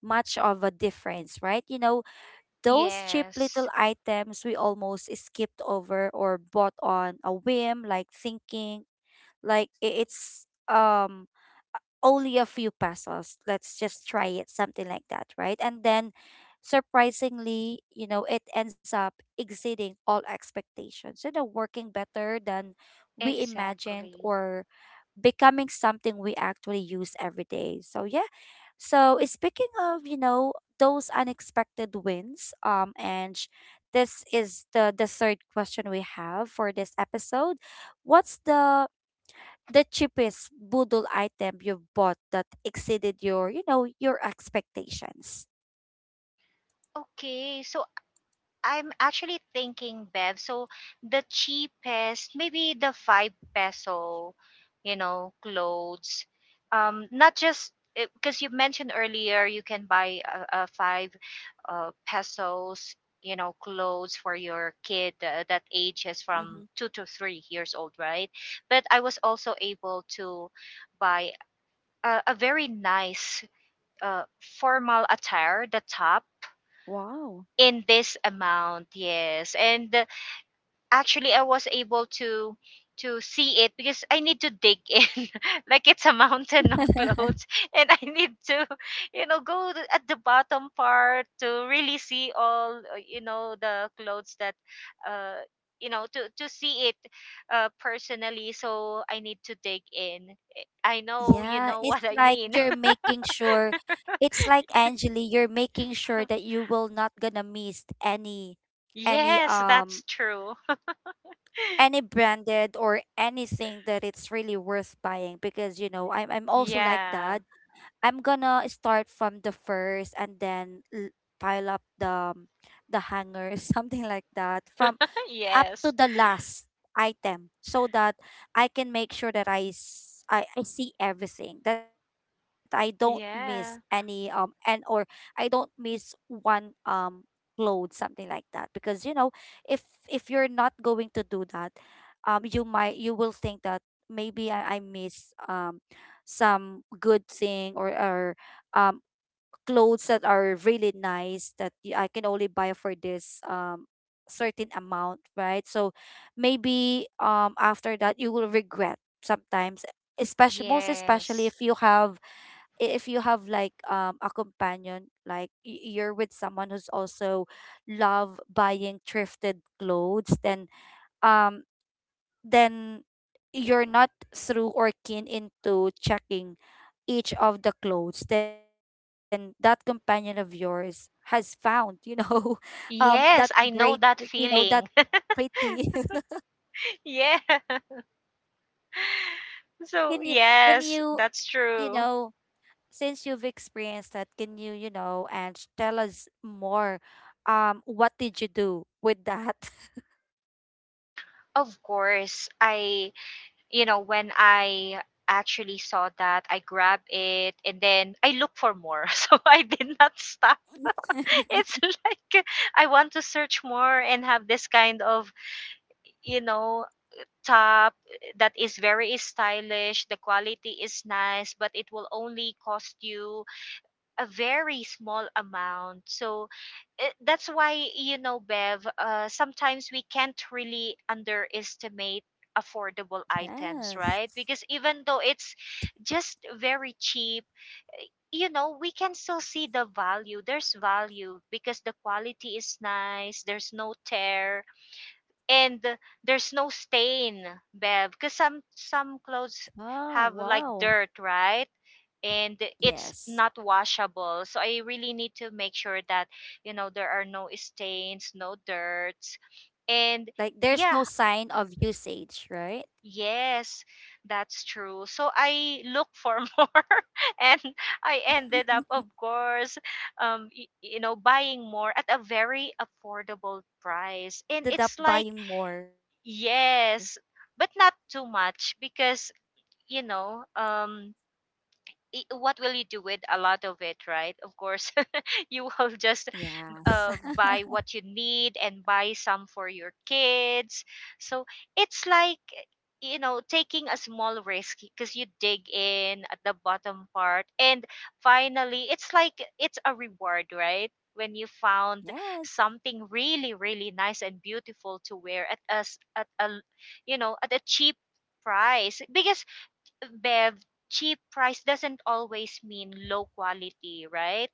Speaker 1: much of a difference, right? You know, those cheap
Speaker 2: Yes.
Speaker 1: little items we almost skipped over or bought on a whim, like thinking like it's only a few pesos. Let's just try it, something like that, right? And then, surprisingly, you know, it ends up exceeding all expectations, you know, working better than we imagined,
Speaker 2: Exactly.
Speaker 1: or becoming something we actually use every day. So yeah. So eh, speaking of, you know, those unexpected wins, this is the third question we have for this episode. What's the cheapest boodle item you've bought that exceeded your, you know, your expectations?
Speaker 2: Okay, so I'm actually thinking, Bev. So the cheapest, maybe the 5 peso, you know, clothes. Not just because you mentioned earlier, you can buy a five pesos, you know, clothes for your kid that ages from
Speaker 1: Mm-hmm.
Speaker 2: 2 to 3 years old, right? But I was also able to buy a very nice uh, formal attire, the top
Speaker 1: Wow.
Speaker 2: in this amount, yes. And actually I was able to see it because I need to dig in like it's a mountain of clothes and I need to, you know, at the bottom part to really see all, you know, the clothes that uh you know, to see it personally, so I need to dig in. I know you
Speaker 1: Yeah,
Speaker 2: know
Speaker 1: it's
Speaker 2: what I
Speaker 1: like
Speaker 2: mean.
Speaker 1: you're making sure, it's like Angeli, you're making sure that you will not gonna miss any
Speaker 2: Yes,
Speaker 1: um
Speaker 2: that's true.
Speaker 1: any branded or anything that it's really worth buying, because you know I'm also like
Speaker 2: Yeah.
Speaker 1: that. I'm gonna start from the first and then pile up the hanger, something like that, from up to
Speaker 2: Yes.
Speaker 1: the last item so that I can make sure that I see everything, that I don't miss any
Speaker 2: Yeah.
Speaker 1: and or I don't miss one load, something like that, because you know if you're not going to do that, you might, you will think that maybe I miss some good thing, or or um clothes that are really nice that I can only buy for this certain amount, right? So maybe after that you will regret sometimes, especially, most especially,
Speaker 2: Yes.
Speaker 1: if you have if you have like a companion, like you're with someone who's also love buying thrifted clothes, then um then you're not through or keen into checking each of the clothes, then that companion of yours has found, you know, that
Speaker 2: Yes,
Speaker 1: great,
Speaker 2: I know
Speaker 1: you
Speaker 2: that
Speaker 1: know, that
Speaker 2: feeling.
Speaker 1: pretty.
Speaker 2: Yeah. So,
Speaker 1: can you, can
Speaker 2: yes,
Speaker 1: you,
Speaker 2: that's
Speaker 1: you
Speaker 2: true.
Speaker 1: know, Since you've experienced that, can you, you know, and tell us more? What did you do with that?
Speaker 2: Of course, I, you know, when I actually saw that, I grabbed it and then I look for more. So I did not stop. It's like I want to search more and have this kind of, you know, top that is very stylish, the quality is nice, but it will only cost you a very small amount. So, that's why, you know, Bev, sometimes we can't really underestimate affordable items,
Speaker 1: Yes.
Speaker 2: right? Because even though it's just very cheap, you know, we can still see the value. There's value because the quality is nice, there's no tear, and there's no stain, Bev, because some clothes
Speaker 1: Oh,
Speaker 2: have
Speaker 1: wow.
Speaker 2: like dirt, right? And it's
Speaker 1: Yes.
Speaker 2: not washable, so I really need to make sure that, you know, there are no stains, no dirts, and
Speaker 1: Like there's no
Speaker 2: yeah,
Speaker 1: sign of usage, right?
Speaker 2: yes, that's true. So I look for more, and I ended up,
Speaker 1: Mhm.
Speaker 2: of course, you know, buying more at a very affordable
Speaker 1: Like you
Speaker 2: price,
Speaker 1: ended up
Speaker 2: and it's like,
Speaker 1: buying more.
Speaker 2: yes, but not too much, because, you know, I what will you do with a lot of it, right? Of course, you will just
Speaker 1: Yes.
Speaker 2: buy what you need and buy some for your kids. So it's like, you know, taking a small risk because you dig in at the bottom part. And finally, it's like it's a reward, right? When you found
Speaker 1: Yes.
Speaker 2: something really, really nice and beautiful to wear at us at a, you know, at a cheap price because, Bev, cheap price doesn't always mean low quality, right?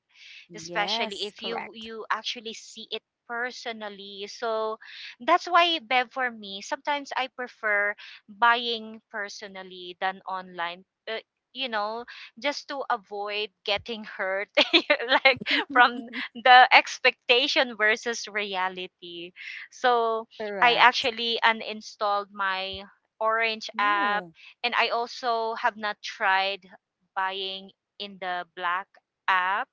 Speaker 2: Especially if
Speaker 1: Yes.
Speaker 2: you
Speaker 1: Correct.
Speaker 2: actually see it personally. So that's why, Bev, for me, sometimes I prefer buying personally than online. You know, just to avoid getting hurt, like from the expectation versus reality. So I actually
Speaker 1: Correct.
Speaker 2: uninstalled my Orange app, and
Speaker 1: Ooh.
Speaker 2: I also have not tried buying in the Black app,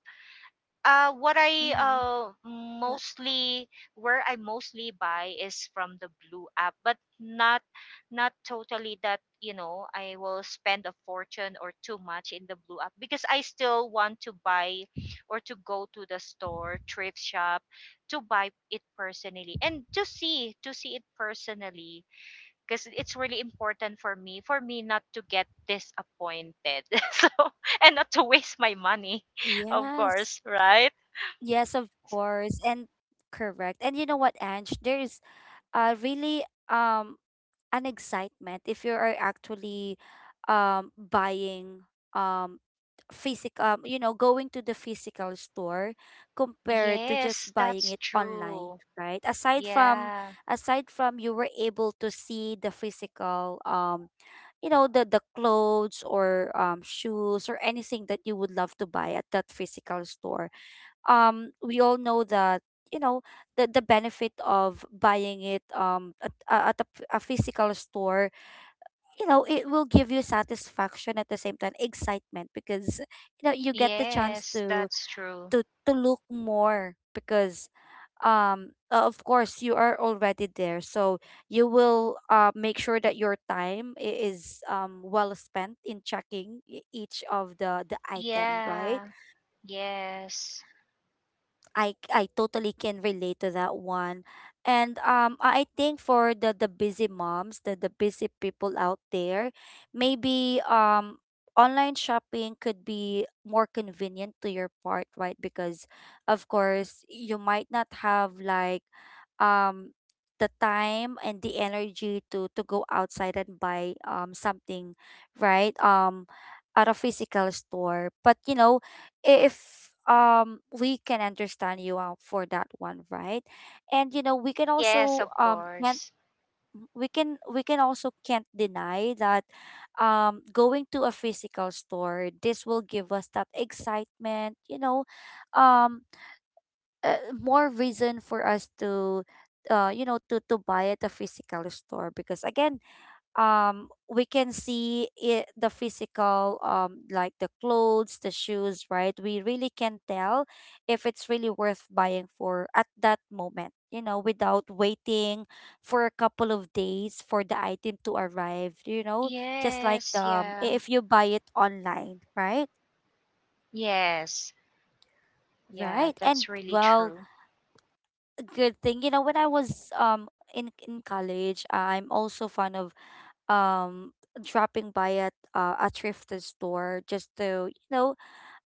Speaker 2: what
Speaker 1: Mm-hmm.
Speaker 2: I
Speaker 1: Yeah.
Speaker 2: mostly where I mostly buy is from the Blue app, but not not totally that, you know, I will spend a fortune or too much in the Blue app, because I still want to buy or to go to the store thrift shop to buy it personally and to see it personally, because it's really important for me, not to get disappointed. So, and not to waste my money, of
Speaker 1: Yes.
Speaker 2: course, right?
Speaker 1: Yes, of course. And correct. And you know what, Ange? There is really um an excitement if you are actually buying, um physical, you know, going to the physical store compared to just
Speaker 2: Yes,
Speaker 1: buying
Speaker 2: that's
Speaker 1: it online,
Speaker 2: true.
Speaker 1: right? Aside from,
Speaker 2: Yeah.
Speaker 1: aside from you were able to see the physical, you know, the clothes or shoes or anything that you would love to buy at that physical store, we all know that, you know, the benefit of buying it at, at a, a physical store, you know, it will give you satisfaction, at the same time excitement, because you know you get the chance
Speaker 2: Yes,
Speaker 1: to
Speaker 2: that's true.
Speaker 1: to look more because of course you are already there, so you will make sure that your time is well spent in checking each of the item, right?
Speaker 2: Yeah. Yes.
Speaker 1: I totally can relate to that one. And I think for the busy moms, the busy people out there, maybe online shopping could be more convenient to your part, right? Because of course, you might not have like um the time and the energy to go outside and buy something, right? At a physical store, but you know if we can understand you out for that one, right? And you know we can
Speaker 2: Yes,
Speaker 1: also
Speaker 2: of
Speaker 1: can't,
Speaker 2: course.
Speaker 1: we can also can't deny that going to a physical store, this will give us that excitement, you know, um uh, more reason for us to you know, to buy at a physical store, because again, we can see it, the physical, like the clothes, the shoes, right? We really can tell if it's really worth buying for at that moment, you know, without waiting for a couple of days for the item to arrive, you know, just like,
Speaker 2: Yes, yeah.
Speaker 1: if you buy it online, right?
Speaker 2: Yes. Yeah,
Speaker 1: Right. And
Speaker 2: that's really
Speaker 1: well,
Speaker 2: true.
Speaker 1: good thing. You know, when I was in college, I'm also fond of um dropping by at a thrift store just to, you know,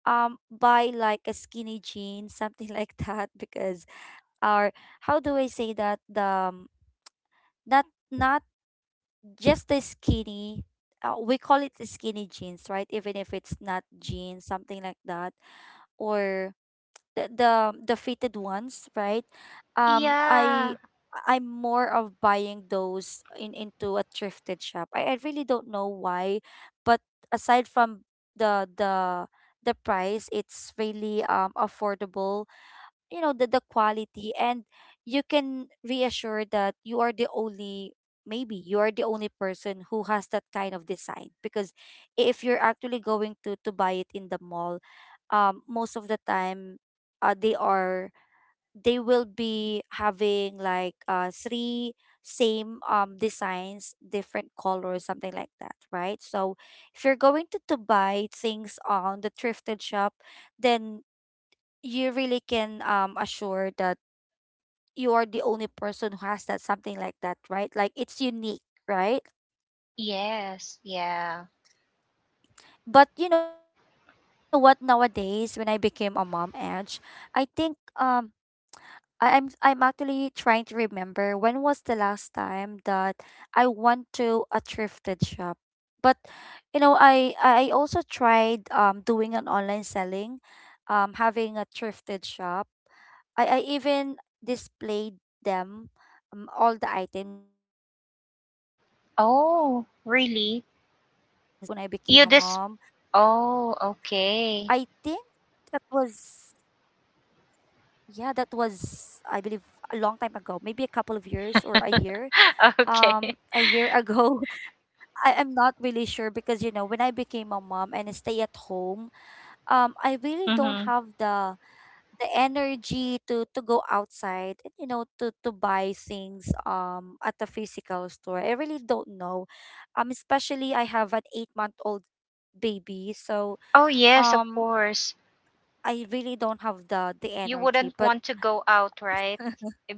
Speaker 1: buy like a skinny jean, something like that, because our, how do I say that, the um, not, not just the skinny. We call it the skinny jeans, right? Even if it's not jeans, something like that, or the the fitted ones, right? Um,
Speaker 2: Yeah.
Speaker 1: I I'm more of buying those in into a thrifted shop. I really don't know why, but aside from the the price, it's really affordable, you know, the quality. And you can reassure that you are the only, maybe you are the only person who has that kind of design, because if you're actually going to buy it in the mall, most of the time they are, they will be having like three same designs, different colors, something like that, right? So if you're going to buy things on the thrifted shop, then you really can assure that you are the only person who has that, something like that, right? Like it's unique, right?
Speaker 2: Yes, yeah.
Speaker 1: But you know what, nowadays when I became a mom, Edge, I think um I'm actually trying to remember when was the last time that I went to a thrifted shop. But you know, I also tried doing an online selling, having a thrifted shop. I even displayed them, all the items here in front of our house. But me
Speaker 2: Oh,
Speaker 1: going to a
Speaker 2: really?
Speaker 1: thrifted shop when I became a
Speaker 2: You
Speaker 1: mom,
Speaker 2: this.
Speaker 1: I
Speaker 2: Oh,
Speaker 1: think that
Speaker 2: okay.
Speaker 1: was, yeah, that was, I believe, a long time ago, maybe a couple of years or a year.
Speaker 2: Okay.
Speaker 1: A year ago. I am not really sure because, you know, when I became a mom and I stay at home, I really don't
Speaker 2: Mhm.
Speaker 1: have the energy to go outside, and you know, to buy things at a physical store. I really don't know. Especially I have an 8-month old baby, so
Speaker 2: Oh, yes, of
Speaker 1: um,
Speaker 2: course.
Speaker 1: I really don't have the
Speaker 2: You
Speaker 1: energy.
Speaker 2: wouldn't
Speaker 1: But
Speaker 2: want to go out, right?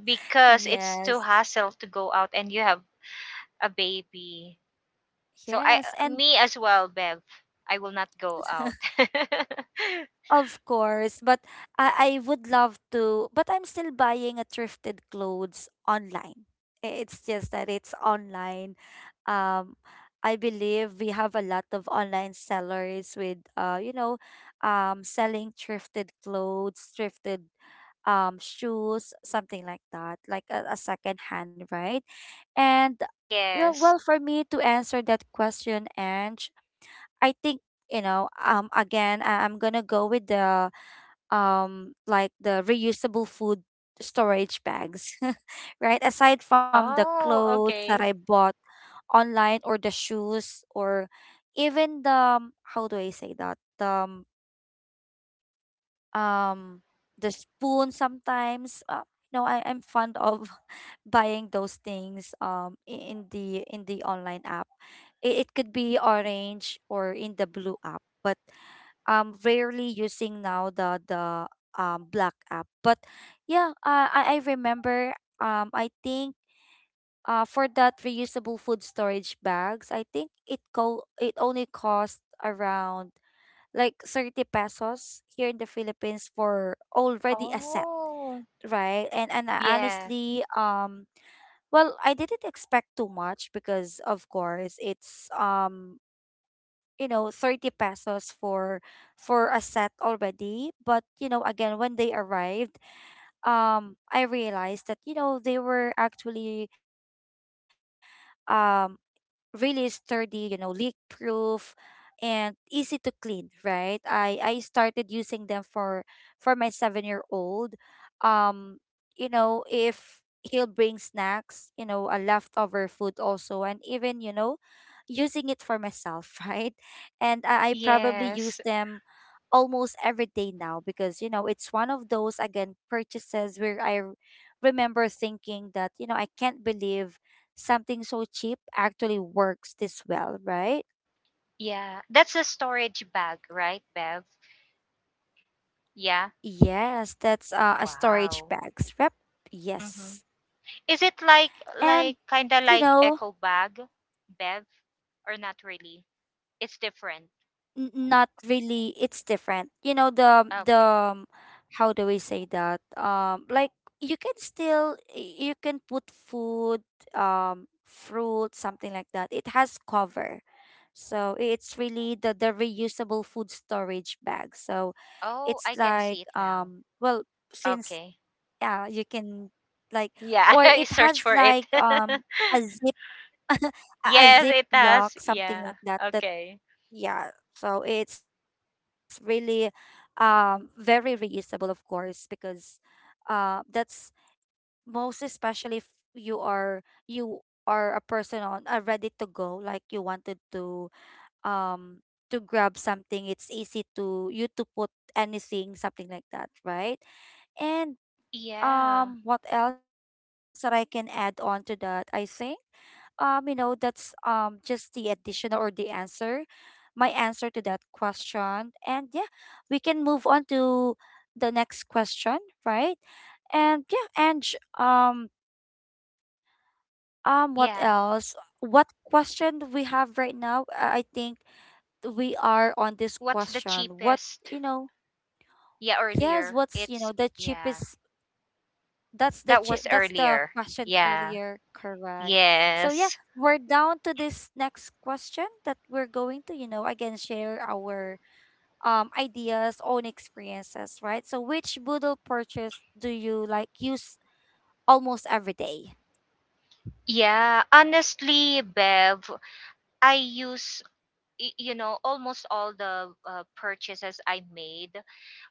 Speaker 2: Because it's too
Speaker 1: yes.
Speaker 2: hassle to go out and you have a baby. So I,
Speaker 1: Yes, and
Speaker 2: me as well, Bev. I will not go out.
Speaker 1: of course, but I would love to, but I'm still buying a thrifted clothes online. I- It's just that it's online. Um, I believe we have a lot of online sellers with you know, selling thrifted clothes, thrifted shoes, something like that, like a second hand, right? And yeah, well,
Speaker 2: Yes.
Speaker 1: for me to answer that question, Ange, I think, you know, again, I'm gonna go with the like the reusable food storage bags, right? Aside from the
Speaker 2: Oh,
Speaker 1: clothes that I
Speaker 2: okay.
Speaker 1: bought online, or the shoes, or even the how do I say that, um, the spoon sometimes, no, I'm fond of buying those things, in the, in the online app. It could be orange or in the blue app, but rarely using now the the black app. But yeah, I remember, I think, for that reusable food storage bags, I think it it only cost around like 30 pesos here in the Philippines for already a set,
Speaker 2: Oh.
Speaker 1: right? And I
Speaker 2: Yeah.
Speaker 1: honestly, well, I didn't expect too much because, of course, it's, you know, 30 pesos for a set already. But you know, again, when they arrived, I realized that, you know, they were actually um really sturdy, you know, leak proof, and easy to clean, right? I started using them for my 7-year-old. Um, you know, if he'll bring snacks, you know, a leftover food also, and even, you know, using it for myself, right? And I probably use
Speaker 2: Yes.
Speaker 1: them almost every day now, because you know it's one of those again purchases where remember thinking that, you know, I can't believe something so cheap actually works this well, right?
Speaker 2: Yeah. That's a storage bag, right, Bev? Yeah.
Speaker 1: Yes, that's a storage
Speaker 2: Wow.
Speaker 1: bags. Rep.
Speaker 2: Mm-hmm.
Speaker 1: Yes.
Speaker 2: Is it like
Speaker 1: And
Speaker 2: like kind of
Speaker 1: you
Speaker 2: like
Speaker 1: know,
Speaker 2: echo bag, Bev, or not really? It's different.
Speaker 1: n- not really, it's different. You know the
Speaker 2: Okay.
Speaker 1: the how do we say that? Um, like, you can still, you can put food, fruit, something like that. It has cover. So it's really the reusable food storage bag. So
Speaker 2: Oh,
Speaker 1: it's
Speaker 2: I can
Speaker 1: like,
Speaker 2: see it now.
Speaker 1: well, since,
Speaker 2: Okay.
Speaker 1: yeah, you can, like,
Speaker 2: Yeah,
Speaker 1: or
Speaker 2: I
Speaker 1: it
Speaker 2: search
Speaker 1: has
Speaker 2: for it.
Speaker 1: like a zip a a
Speaker 2: Yes,
Speaker 1: zip
Speaker 2: it has.
Speaker 1: lock something
Speaker 2: Yeah.
Speaker 1: like that, that,
Speaker 2: Okay.
Speaker 1: yeah, so it's really very reusable, of course, because that's, most especially if you are, you are a person on, ready to go, like you wanted um to grab something, it's easy to you to put anything, something like that, right? And
Speaker 2: Yeah.
Speaker 1: what else that I can add on to that? I think, you know, that's, just the additional, or the answer, my answer to that question. And yeah, we can move on to the next question, right? And yeah, and j- what
Speaker 2: Yeah.
Speaker 1: else? What question do we have right now? I think we are on this
Speaker 2: What's the
Speaker 1: question. What,
Speaker 2: cheapest?
Speaker 1: you know,
Speaker 2: Yeah,
Speaker 1: yes,
Speaker 2: earlier.
Speaker 1: what's, you know,
Speaker 2: It's
Speaker 1: the
Speaker 2: yeah.
Speaker 1: cheapest, that's the
Speaker 2: That was
Speaker 1: that's the
Speaker 2: earlier.
Speaker 1: question
Speaker 2: Yeah.
Speaker 1: earlier, correct? So yeah,
Speaker 2: Yes.
Speaker 1: we're down to this next question that we're going to, you know, again share our ideas, own experiences, right? So which Boodle purchase do you like use almost every day?
Speaker 2: Yeah, honestly, Bev, I use, you know, almost all the purchases I made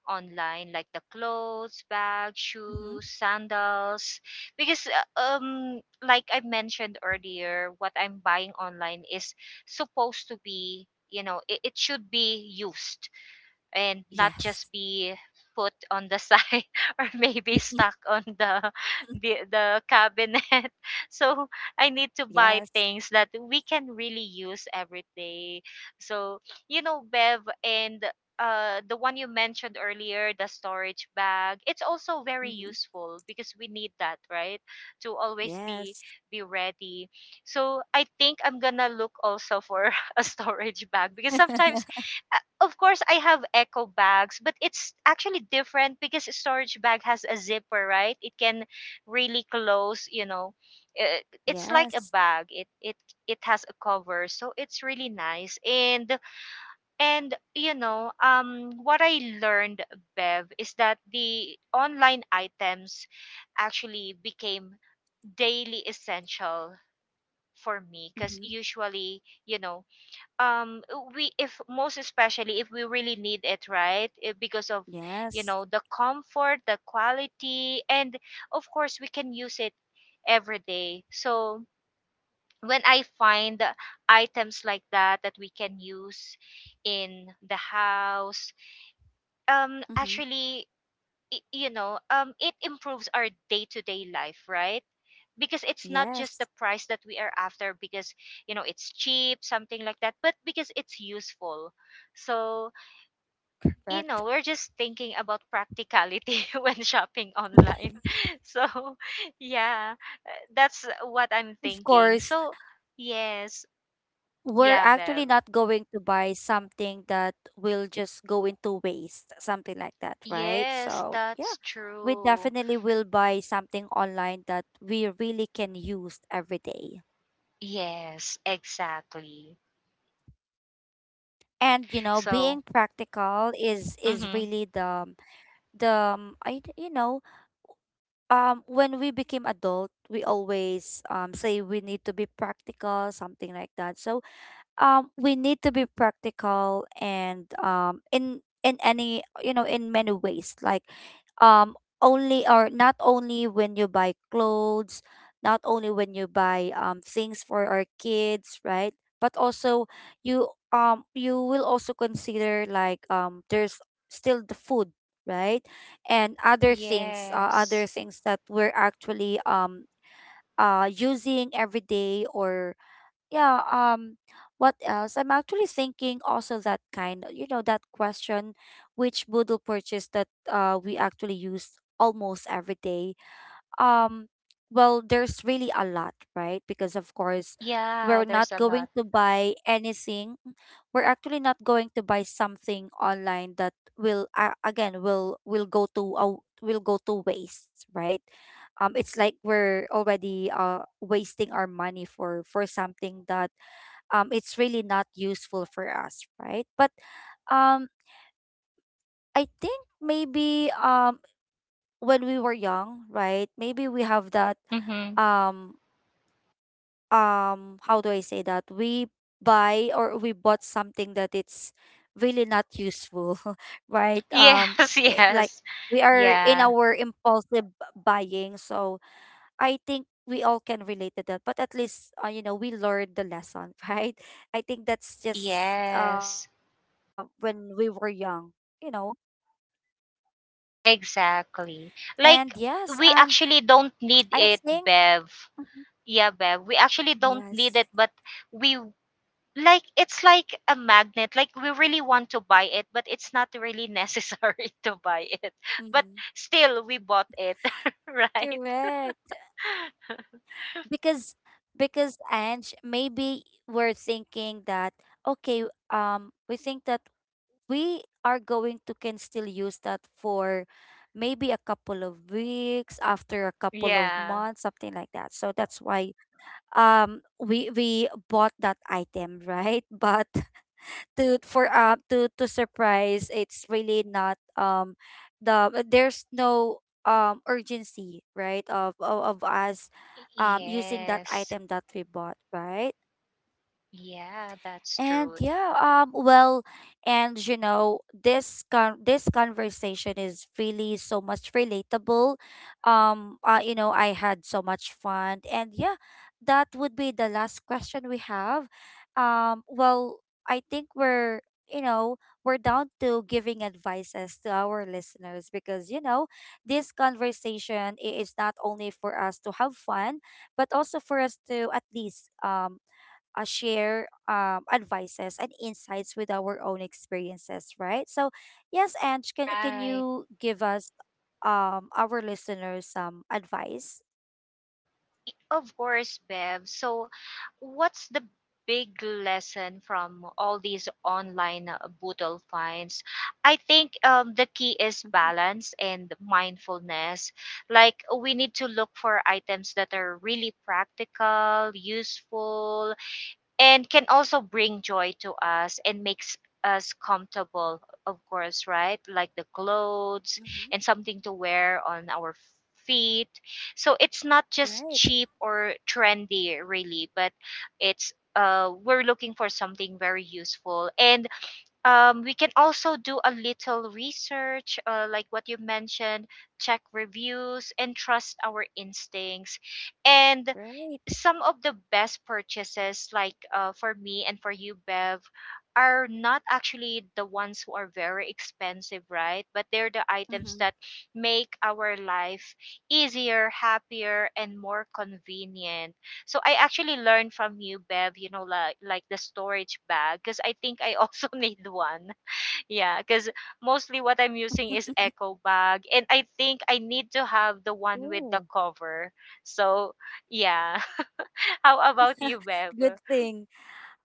Speaker 2: online, like the clothes, bags,
Speaker 1: Mm-hmm.
Speaker 2: shoes, sandals. Because, like I mentioned earlier, what I'm buying online is supposed to be, you know, it should be used and not
Speaker 1: Yes.
Speaker 2: just be put on the side or maybe stuck on the cabinet. So I need to
Speaker 1: Yes.
Speaker 2: buy things that we can really use every day. So, you know, Bev, and the one you mentioned earlier, the storage bag, it's also very
Speaker 1: Mm-hmm.
Speaker 2: useful because we need that, right? To always
Speaker 1: Yes.
Speaker 2: be ready. So I think I'm gonna look also for a storage bag, because sometimes, of course, I have eco bags, but it's actually different because a storage bag has a zipper, right? It can really close, you know.
Speaker 1: Yes.
Speaker 2: uh, It's like a bag. It it has a cover, so it's really nice. And you know, what I learned, Bev, is that the online items actually became daily essential for me, because
Speaker 1: Mm-hmm.
Speaker 2: usually, you know, we, if most especially if we really need it, right? Because of, you
Speaker 1: Yes.
Speaker 2: know, the comfort, the quality, and of course we can use it every day. So when I find items like that that we can use in the house,
Speaker 1: Mm-hmm.
Speaker 2: actually, you know, it improves our day-to-day life, right? Because it's not just the
Speaker 1: Yes.
Speaker 2: price that we are after, because, you know, it's cheap, something like that, but because it's useful. So, you
Speaker 1: Correct.
Speaker 2: know, we're just thinking about practicality when shopping online. So, yeah, that's what I'm
Speaker 1: Of
Speaker 2: thinking.
Speaker 1: course,
Speaker 2: So, yes,
Speaker 1: we're
Speaker 2: yeah,
Speaker 1: actually
Speaker 2: Bev,
Speaker 1: not going to buy something that will just go into waste, something like that, right?
Speaker 2: yes,
Speaker 1: So, yeah,
Speaker 2: that's
Speaker 1: we
Speaker 2: true.
Speaker 1: definitely will buy something online that we really can use every day.
Speaker 2: Yes, exactly.
Speaker 1: And you know,
Speaker 2: So,
Speaker 1: being practical is
Speaker 2: mhm,
Speaker 1: really the I you know when we became adult we always say we need to be practical, something like that. So we need to be practical, and in any in many ways, like only, or not only when you buy clothes, not only when you buy things for our kids, right? But also, you you will also consider, like, there's still the food, right? And other things, other
Speaker 2: yes.
Speaker 1: things that we're actually using every day, or yeah. What else? I'm actually thinking also that kind, that question: which boodle purchase that we actually use almost every day? um well, there's really a lot, right? Because of course
Speaker 2: Yeah,
Speaker 1: we're not
Speaker 2: there's a
Speaker 1: going
Speaker 2: lot.
Speaker 1: to buy anything, we're actually not going to buy something online that will go to will go to waste, right? It's like we're already wasting our money for something that it's really not useful for us, right? But um, I think maybe, when we were young, right? Maybe we have that
Speaker 2: Mm-hmm.
Speaker 1: um how do I say that? We buy, or we bought something that it's really not useful, right?
Speaker 2: Yes,
Speaker 1: Like
Speaker 2: yes.
Speaker 1: we are in
Speaker 2: Yeah.
Speaker 1: our impulsive buying. So I think we all can relate to that, but at least, you know, we learned the lesson, right? I think that's just,
Speaker 2: Yes.
Speaker 1: when we were young, you know.
Speaker 2: Exactly.
Speaker 1: And
Speaker 2: Like,
Speaker 1: yes, and
Speaker 2: we actually don't need
Speaker 1: I
Speaker 2: it,
Speaker 1: think
Speaker 2: Bev.
Speaker 1: Mhm.
Speaker 2: Yeah, Bev. We actually don't need
Speaker 1: yes,
Speaker 2: it, but we, like, it's like a magnet. Like, we really want to buy it, but it's not really necessary to buy it. But
Speaker 1: hmm
Speaker 2: still we bought it, right?
Speaker 1: correct. Because because, Ange, maybe we're thinking that, okay, we think that we are going to can still use that for maybe a couple of weeks, after a couple of
Speaker 2: Yeah.
Speaker 1: months, something like that. So that's why we bought that item, right? But to, for, to surprise, it's really not there's no urgency, right? Of us using that
Speaker 2: Yes.
Speaker 1: item that we bought, right?
Speaker 2: Yeah, that's
Speaker 1: And
Speaker 2: true.
Speaker 1: yeah, well, and you know, this con this conversation is really so much relatable. You know, I had so much fun, and yeah, that would be the last question we have. Well, I think we're, you know, we're down to giving advices to our listeners because, you know, this conversation is not only for us to have fun, but also for us to at least share, advices and insights with our own experiences, right? So, yes, Ange, can
Speaker 2: Right.
Speaker 1: you give us our listeners some advice?
Speaker 2: Of course, Bev. So, what's the big lesson from all these online, boodle finds? I think, the key is balance and mindfulness. Like, we need to look for items that are really practical, useful, and can also bring joy to us and makes us comfortable, of course, right? Like the clothes
Speaker 1: Mm-hmm.
Speaker 2: and something to wear on our feet. So it's not just
Speaker 1: Right,
Speaker 2: cheap or trendy, really, but it's, we're looking for something very useful, and, we can also do a little research, like what you mentioned, check reviews and trust our instincts. And
Speaker 1: right.
Speaker 2: some of the best purchases, like, for me and for you, Bev, are not actually the ones who are very expensive, right? But they're the items
Speaker 1: Mm-hmm.
Speaker 2: that make our life easier, happier, and more convenient. So I actually learned from you, Bev, you know, like the storage bag, because I think I also need one. Yeah, because mostly what I'm using is echo bag, and I think I need to have the one
Speaker 1: Ooh,
Speaker 2: with the cover, so yeah. How about you, Bev?
Speaker 1: good thing.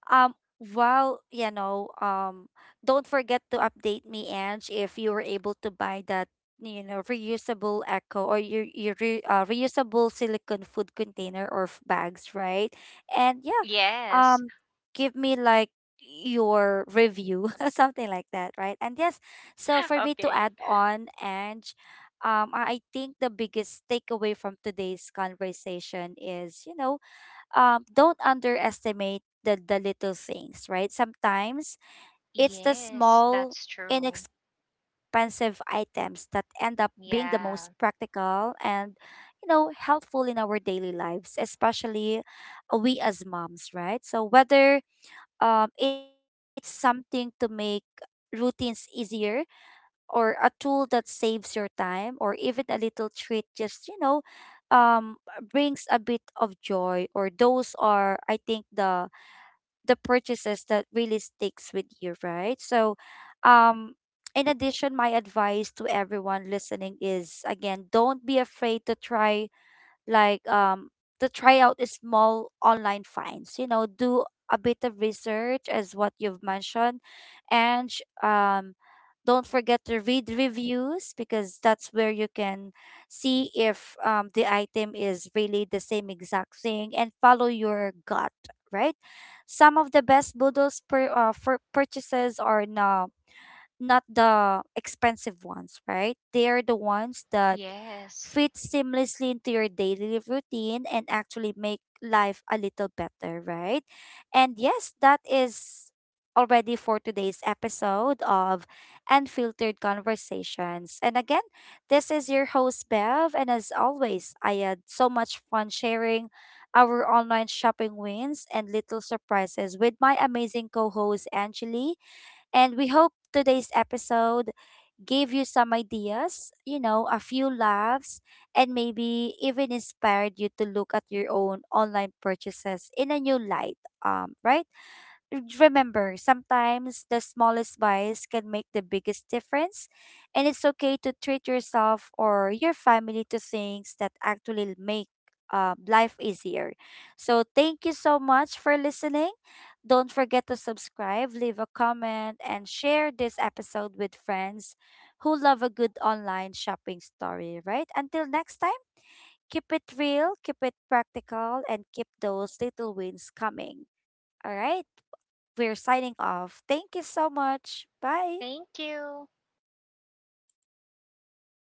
Speaker 1: Well, you know, don't forget to update me, Ange, if you were able to buy that, you know, reusable Echo or your reusable silicone food container or bags, right? And yeah,
Speaker 2: Yes.
Speaker 1: um, give me like your review, something like that, right? And yes, so for me to add
Speaker 2: Okay.
Speaker 1: on, Ange, I think the biggest takeaway from today's conversation is, you know, don't underestimate the little things, right? Sometimes it's the
Speaker 2: Yes,
Speaker 1: small,
Speaker 2: that's true.
Speaker 1: inexpensive items that end up being the most
Speaker 2: Yeah.
Speaker 1: practical and, you know, helpful in our daily lives, especially, we as moms, right? So whether, it's something to make routines easier, or a tool that saves your time, or even a little treat, just, you know, um brings a bit of joy. Or those are, I think, the purchases that really sticks with you, right? So um in addition, my advice to everyone listening is, again, don't be afraid to try, like, to try out a small online finds, you know, do a bit of research, as what you've mentioned, and don't forget to read reviews, because that's where you can see if, the item is really the same exact thing, and follow your gut, right? Some of the best boodles for purchases are now not the expensive ones, right? They are the ones that
Speaker 2: Yes.
Speaker 1: fit seamlessly into your daily routine and actually make life a little better, right? And yes, that is already for today's episode of Unfiltered Conversations. And again, this is your host, Bev. And as always, I had so much fun sharing our online shopping wins and little surprises with my amazing co host, Angeli. And we hope today's episode gave you some ideas, you know, a few laughs, and maybe even inspired you to look at your own online purchases in a new light. Right? Remember, sometimes the smallest vice can make the biggest difference, and it's okay to treat yourself or your family to things that actually make, life easier. So, thank you so much for listening. Don't forget to subscribe, leave a comment, and share this episode with friends who love a good online shopping story, right? Until next time, keep it real, keep it practical, and keep those little wins coming. All right. We're signing off. Thank you so much. Bye.
Speaker 2: Thank you.